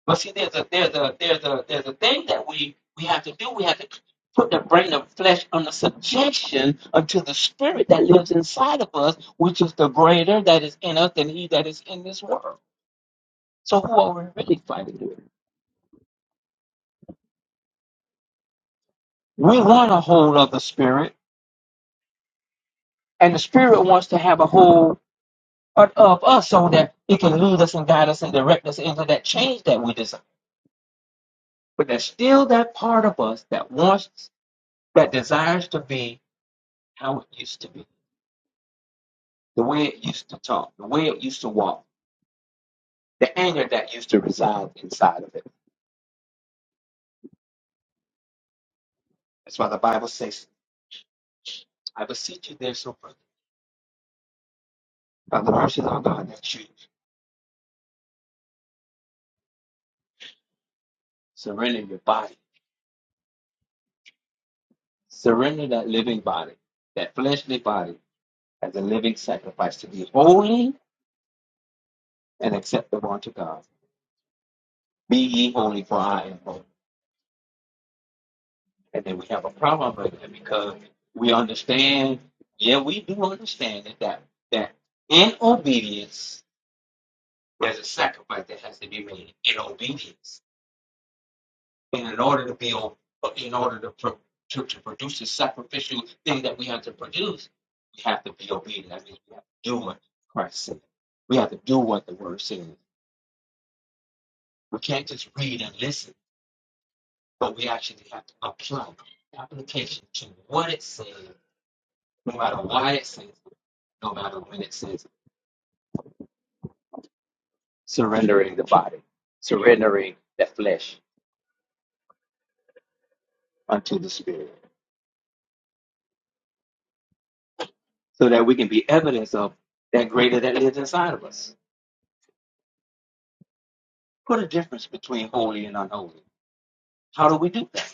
Speaker 9: But see, there's a there's a there's a there's a thing that we we have to do. We have to put the brain of flesh under subjection unto the spirit that lives inside of us, which is the greater that is in us than he that is in this world. So who are we really fighting with? We want a hold of the spirit, and the spirit wants to have a hold of of us so that it can lead us and guide us and direct us into that change that we desire. But there's still that part of us that wants that desires to be how it used to be. the way it used to talk, the way it used to walk, the anger that used to reside inside of it. That's why the Bible says, I beseech you, therefore, brother, by the mercies of God, that you surrender your body, surrender that living body, that fleshly body, as a living sacrifice to be holy and acceptable unto God. Be ye holy, for I am holy. And then we have a problem with it because we understand, yeah, we do understand it, that, that in obedience, There's a sacrifice that has to be made in obedience. And in order to be, in order to, pro- to, to produce the sacrificial thing that we have to produce, we have to be obedient. That means we have to do what Christ said. We have to do what the Word says. We can't just read and listen, but we actually have to apply application to what it says, no matter why it says, no matter when it says, surrendering the body, surrendering the flesh unto the spirit. so that we can be evidence of that greater that lives inside of us. Put a difference between holy and unholy. How do we do that?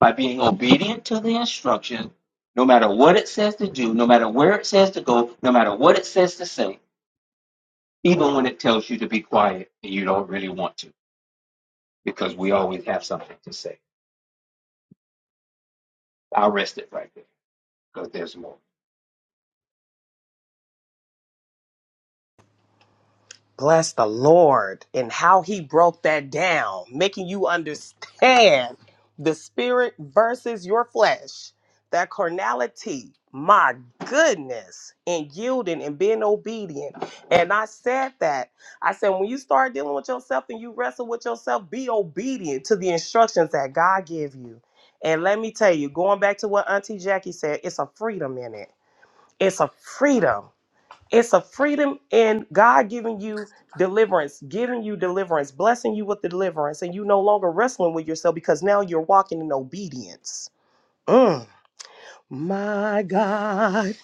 Speaker 9: By being obedient to the instruction, no matter what it says to do, no matter where it says to go, no matter what it says to say, even when it tells you to be quiet and you don't really want to, because we always have something to say. I'll rest it right there because there's more.
Speaker 2: Bless the Lord and how he broke that down, making you understand the spirit versus your flesh, that carnality, my goodness, and yielding and being obedient. And I said that. I said, when you start dealing with yourself and you wrestle with yourself, be obedient to the instructions that God give you. And let me tell you, going back to what Auntie Jackie said, it's a freedom in it. It's a freedom it's a freedom in God giving you deliverance, giving you deliverance, blessing you with the deliverance, and you no longer wrestling with yourself because now you're walking in obedience. Mm. My God.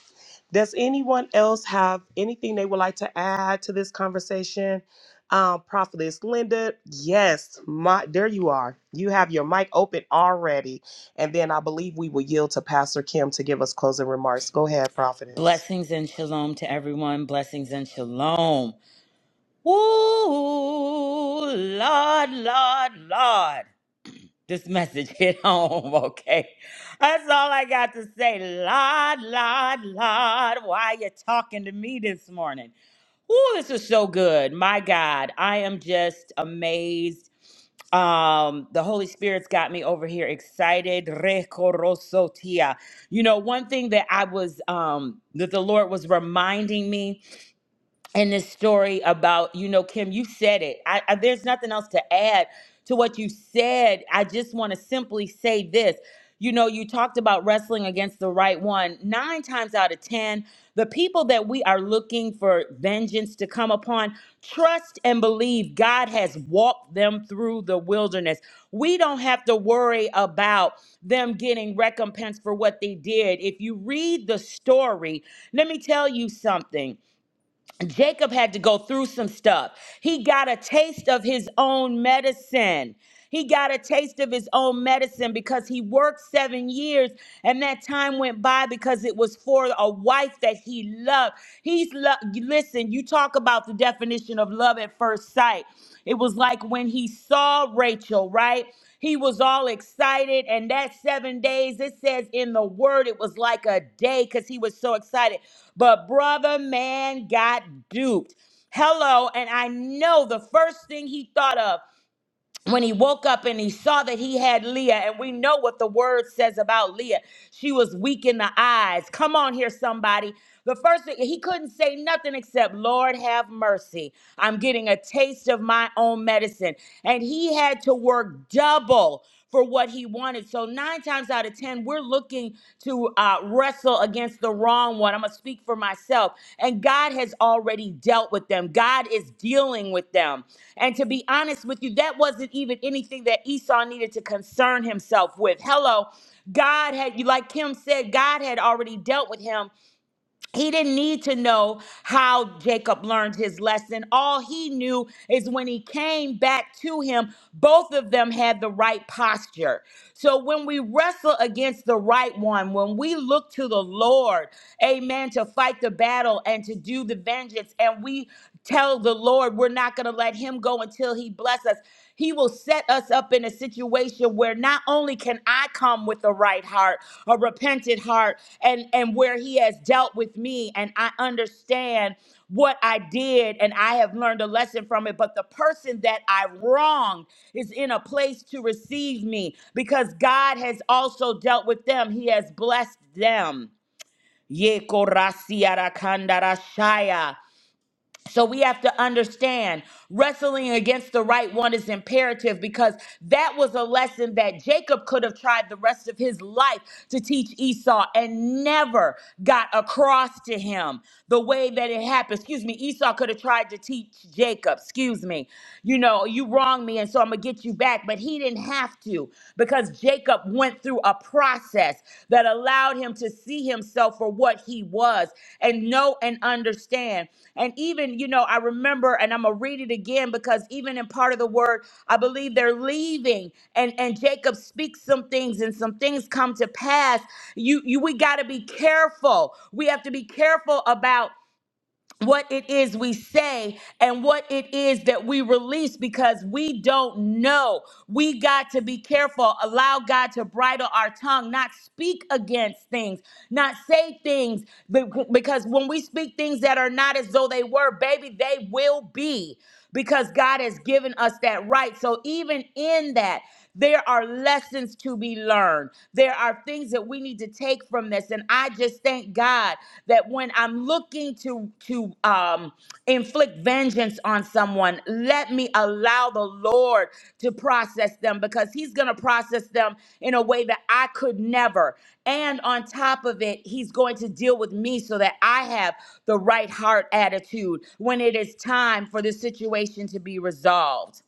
Speaker 2: Does anyone else have anything they would like to add to this conversation? Um, Prophetess Linda, yes, my there you are. You have your mic open already. And then I believe we will yield to Pastor Kim to give us closing remarks. Go ahead, Prophetess.
Speaker 10: Blessings and shalom to everyone. Blessings and shalom. Woo, Lord, Lord, Lord. This message hit home, okay? That's all I got to say. Lord, Lord, Lord, why you talking to me this morning? Woo, this is so good. My God, I am just amazed um the holy spirit's got me over here excited Rekorosotia. you know one thing that i was um that the lord was reminding me and this story about you know kim you said it I, I there's nothing else to add to what you said i just want to simply say this you know you talked about wrestling against the right one nine times out of ten the people that we are looking for vengeance to come upon trust and believe god has walked them through the wilderness we don't have to worry about them getting recompense for what they did if you read the story let me tell you something Jacob had to go through some stuff. He got a taste of his own medicine. He got a taste of his own medicine because he worked seven years and that time went by because it was for a wife that he loved. He's lo- listen, you you talk about the definition of love at first sight. It was like when he saw Rachel, right? He was all excited. And that seven days, it says in the word, it was like a day because he was so excited. But brother, man got duped. Hello. And I know the first thing he thought of when he woke up and he saw that he had Leah, and we know what the word says about Leah. She was weak in the eyes. Come on here, somebody. The first thing, he couldn't say nothing except, Lord, have mercy. I'm getting a taste of my own medicine. And he had to work double for what he wanted. So nine times out of ten, we're looking to uh, wrestle against the wrong one. I'm gonna speak for myself, and God has already dealt with them. God is dealing with them. And to be honest with you, that wasn't even anything that Esau needed to concern himself with. Hello. God had, like Kim said, God had already dealt with him he didn't need to know how Jacob learned his lesson. All he knew is when he came back to him, both of them had the right posture. So when we wrestle against the right one, when we look to the Lord, amen, to fight the battle and to do the vengeance, and we tell the Lord we're not going to let him go until he bless us, he will set us up in a situation where not only can I come with a right heart, a repentant heart, and, and where He has dealt with me and I understand what I did and I have learned a lesson from it, but the person that I wronged is in a place to receive me because God has also dealt with them, He has blessed them. Ye korasiara kandarashaya. So we have to understand wrestling against the right one is imperative because that was a lesson that Jacob could have tried the rest of his life to teach Esau and never got across to him the way that it happened. Excuse me, Esau could have tried to teach Jacob, excuse me, you know, you wronged me and so I'm going to get you back, but he didn't have to because Jacob went through a process that allowed him to see himself for what he was and know and understand. And even, you know, I remember, and I'm going to read it again because even in part of the word, I believe they're leaving and, and Jacob speaks some things and some things come to pass. You, you we got to be careful. We have to be careful about what it is we say and what it is that we release because we don't know. We got to be careful, allow God to bridle our tongue, not speak against things, not say things, be- because when we speak things that are not as though they were, baby, they will be because God has given us that right. So even in that, there are lessons to be learned. There are things that we need to take from this. And I just thank God that when I'm looking to to um, inflict vengeance on someone, let me allow the Lord to process them because He's going to process them in a way that I could never. And on top of it, He's going to deal with me so that I have the right heart attitude when it is time for the situation to be resolved.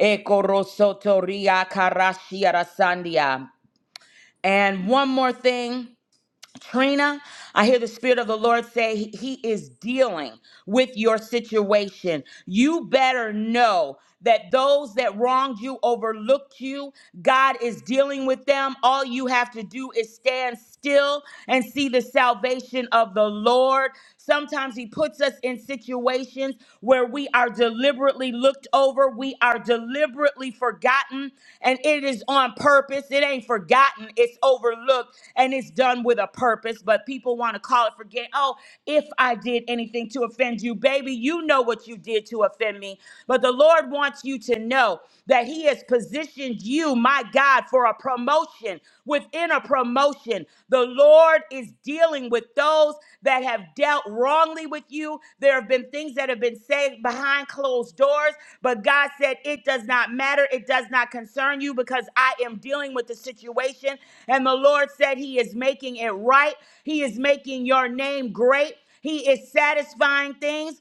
Speaker 10: Ekorosotoria karashia rasandia. And one more thing, Trina, I hear the Spirit of the Lord say He He is dealing with your situation. You better know that those that wronged you, overlooked you, God is dealing with them. All you have to do is stand still and see the salvation of the Lord. Sometimes He puts us in situations where we are deliberately deliberately looked over. We are deliberately forgotten, and it is on purpose. It ain't forgotten, it's overlooked, and it's done with a purpose. But people want to call it forget. Oh, if I did anything to offend you, baby, you know what you did to offend me. But the Lord wants you to know that He has positioned you, my God, for a promotion within a promotion. The Lord is dealing with those that have dealt wrongly with you. There have been things that have been said behind closed doors, but God said, It does not matter. It does not concern you because I am dealing with the situation. And the Lord said, He is making it right. He is making your name great. He is satisfying things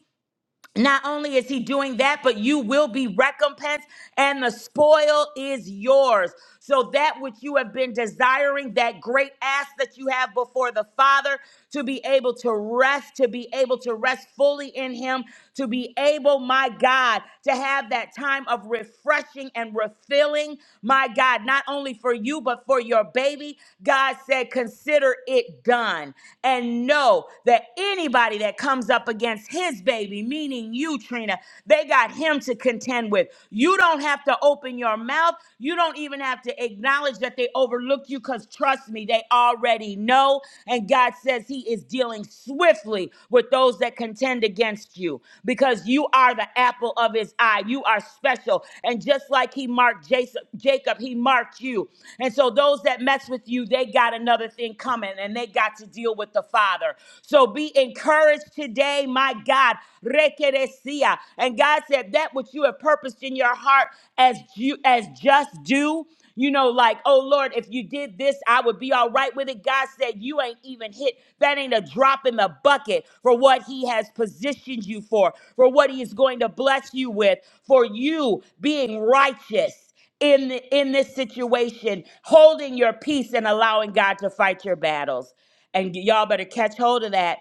Speaker 10: not only is he doing that, but you will be recompensed, and the spoil is yours. So, that which you have been desiring, that great ask that you have before the Father, to be able to rest, to be able to rest fully in Him, to be able, my God, to have that time of refreshing and refilling, my God, not only for you, but for your baby. God said, Consider it done. And know that anybody that comes up against Him, his baby, meaning you, Trina. They got him to contend with. You don't have to open your mouth. You don't even have to acknowledge that they overlooked you because trust me, they already know. And God says he is dealing swiftly with those that contend against you because you are the apple of his eye. You are special. And just like he marked Jason- Jacob, he marked you. And so those that mess with you, they got another thing coming and they got to deal with the Father. So be encouraged earth today, my God. Rekeresia. And God said that which you have purposed in your heart as you as just do. You know, like, oh Lord, if you did this, I would be all right with it. God said, You ain't even hit. That ain't a drop in the bucket for what He has positioned you for, for what He is going to bless you with, for you being righteous in the in this situation, holding your peace and allowing God to fight your battles. And y'all better catch hold of that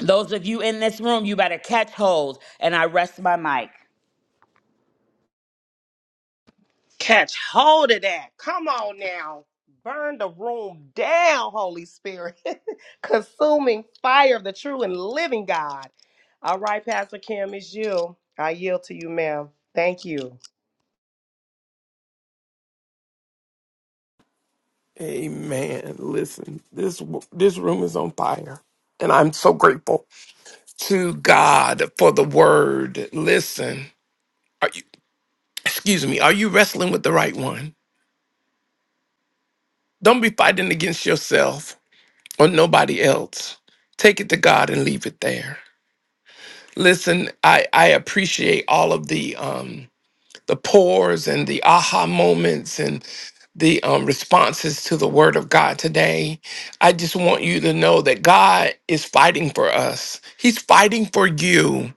Speaker 10: those of you in this room, you better catch hold. And I rest my mic.
Speaker 2: Catch hold of that. Come on now. Burn the room down, Holy Spirit. Consuming fire of the true and living God. All right, Pastor Kim, it's you. I yield to you, ma'am. Thank you.
Speaker 1: Amen. Listen, this this room is on fire. And I'm so grateful to God for the word. Listen, are you, excuse me, are you wrestling with the right one? Don't be fighting against yourself. or nobody else. Take it to God and leave it there. Listen, I, I appreciate all of the um, the pores and the aha moments and the um, responses to the Word of God today. I just want you to know that God is fighting for us. He's fighting for you.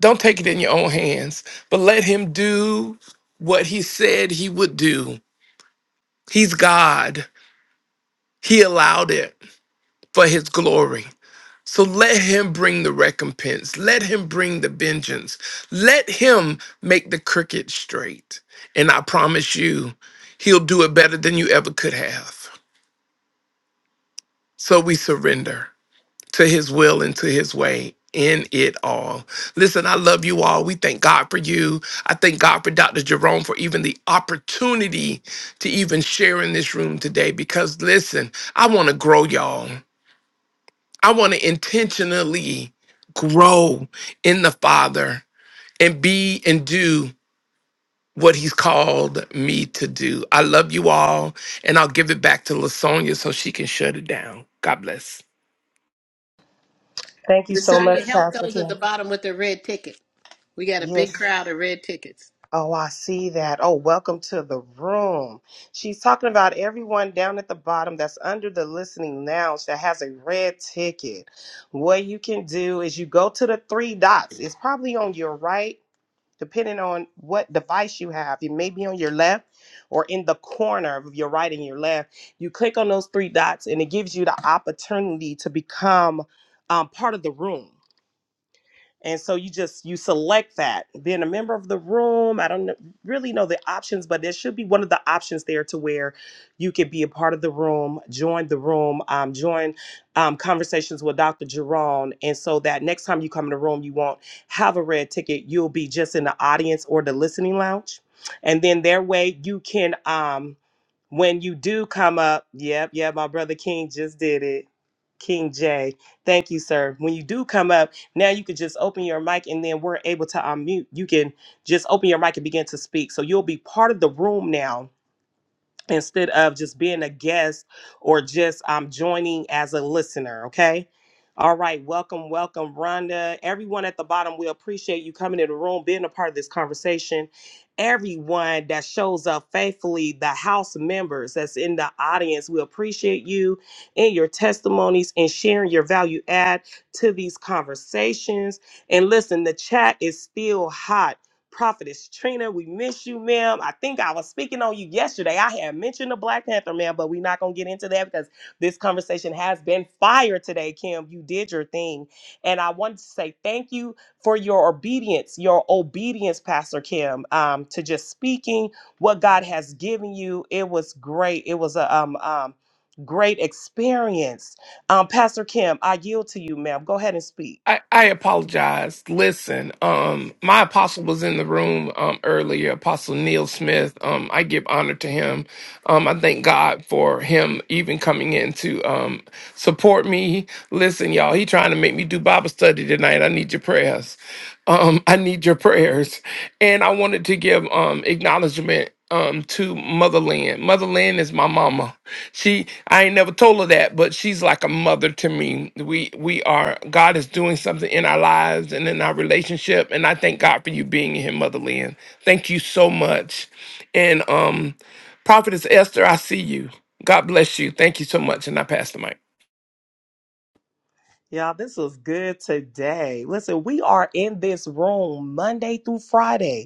Speaker 1: Don't take it in your own hands, but let Him do what He said He would do. He's God. He allowed it for His glory. So let him bring the recompense. Let him bring the vengeance. Let him make the crooked straight. And I promise you, he'll do it better than you ever could have. So we surrender to his will and to his way in it all. Listen, I love you all. We thank God for you. I thank God for Dr. Jerome for even the opportunity to even share in this room today because listen, I want to grow y'all. I want to intentionally grow in the Father and be and do what he's called me to do. I love you all, and I'll give it back to Lasonia so she can shut it down. God bless.
Speaker 2: Thank you so much,
Speaker 4: Lasagna, help
Speaker 2: Pastor
Speaker 4: those at the
Speaker 2: Kim.
Speaker 4: bottom with their red ticket. We got a big
Speaker 2: Yes.
Speaker 4: crowd of red tickets.
Speaker 2: Oh, I see that. Oh, welcome to the room. She's talking about everyone down at the bottom that's under the listening lounge that has a red ticket. What you can do is you go to the three dots. It's probably on your right depending on what device you have. It may be on your left or in the corner of your right and your left. You click on those three dots, and it gives you the opportunity to become um, part of the room and so you just you select that being a member of the room i don't know, really know the options but there should be one of the options there to where you could be a part of the room join the room um, join um, conversations with dr jerome and so that next time you come in the room you won't have a red ticket you'll be just in the audience or the listening lounge and then their way you can um, when you do come up, yep, yep, my brother King just did it. King J. Thank you, sir. When you do come up, now you can just open your mic and then we're able to unmute. You can just open your mic and begin to speak. So you'll be part of the room now instead of just being a guest or just um, joining as a listener. Okay. All right. Welcome, welcome, Rhonda. Everyone at the bottom, we appreciate you coming in the room, being a part of this conversation. Everyone that shows up faithfully, the house members that's in the audience, we appreciate you and your testimonies and sharing your value add to these conversations. And listen, the chat is still hot. Prophetess Trina, we miss you, ma'am. I think I was speaking on you yesterday. I had mentioned the Black Panther, ma'am, but we're not going to get into that because this conversation has been fire today, Kim. You did your thing. And I wanted to say thank you for your obedience, your obedience, Pastor Kim, um, to just speaking what God has given you. It was great. It was a um, um, great experience. Um, Pastor Kim, I yield to you, ma'am. Go ahead and speak.
Speaker 1: I, I apologize. Listen, um, my apostle was in the room um, earlier, Apostle Neil Smith. Um, I give honor to him. Um, I thank God for him even coming in to um, support me. Listen, y'all, he trying to make me do Bible study tonight. I need your prayers. Um, I need your prayers. And I wanted to give um, acknowledgement um to motherland motherland is my mama she i ain't never told her that but she's like a mother to me we we are god is doing something in our lives and in our relationship and i thank god for you being in here motherland thank you so much and um prophetess esther i see you god bless you thank you so much and i pass the mic
Speaker 2: Y'all, this was good today. Listen, we are in this room Monday through Friday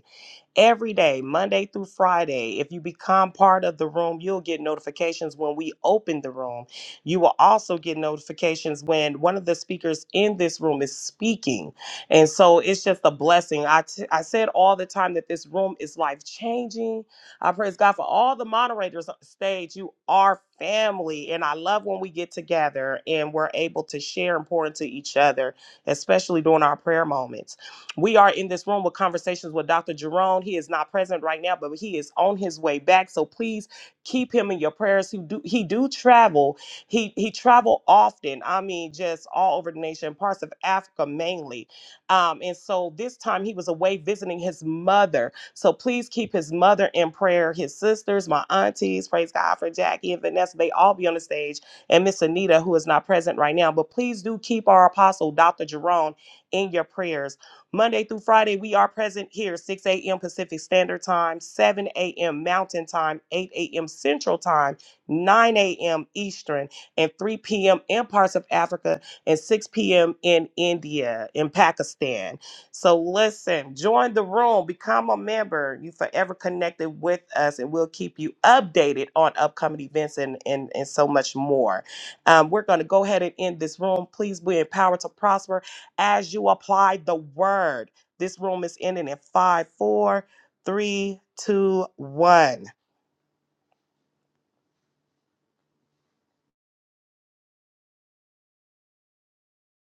Speaker 2: every day, Monday through Friday. If you become part of the room, you'll get notifications when we open the room. You will also get notifications when one of the speakers in this room is speaking. And so it's just a blessing. I, t- I said all the time that this room is life changing. I praise God for all the moderators on stage. You are family. And I love when we get together and we're able to share and pour into each other, especially during our prayer moments. We are in this room with conversations with Dr. Jerome. He is not present right now, but he is on his way back. So please keep him in your prayers. He do he do travel. He he travel often. I mean, just all over the nation, parts of Africa mainly. Um, and so this time he was away visiting his mother. So please keep his mother in prayer. His sisters, my aunties, praise God for Jackie and Vanessa. They all be on the stage, and Miss Anita, who is not present right now. But please do keep our apostle, Dr. Jerome, in your prayers. Monday through Friday, we are present here 6 a.m. Pacific Standard Time, 7 a.m. Mountain Time, 8 a.m. Central Time, 9 a.m. Eastern, and 3 p.m. in parts of Africa, and 6 p.m. in India, in Pakistan. So listen, join the room, become a member. You forever connected with us, and we'll keep you updated on upcoming events and, and, and so much more. Um, we're going to go ahead and end this room. Please be empowered to prosper as you apply the word. This room is ending in five, four, three, two, one.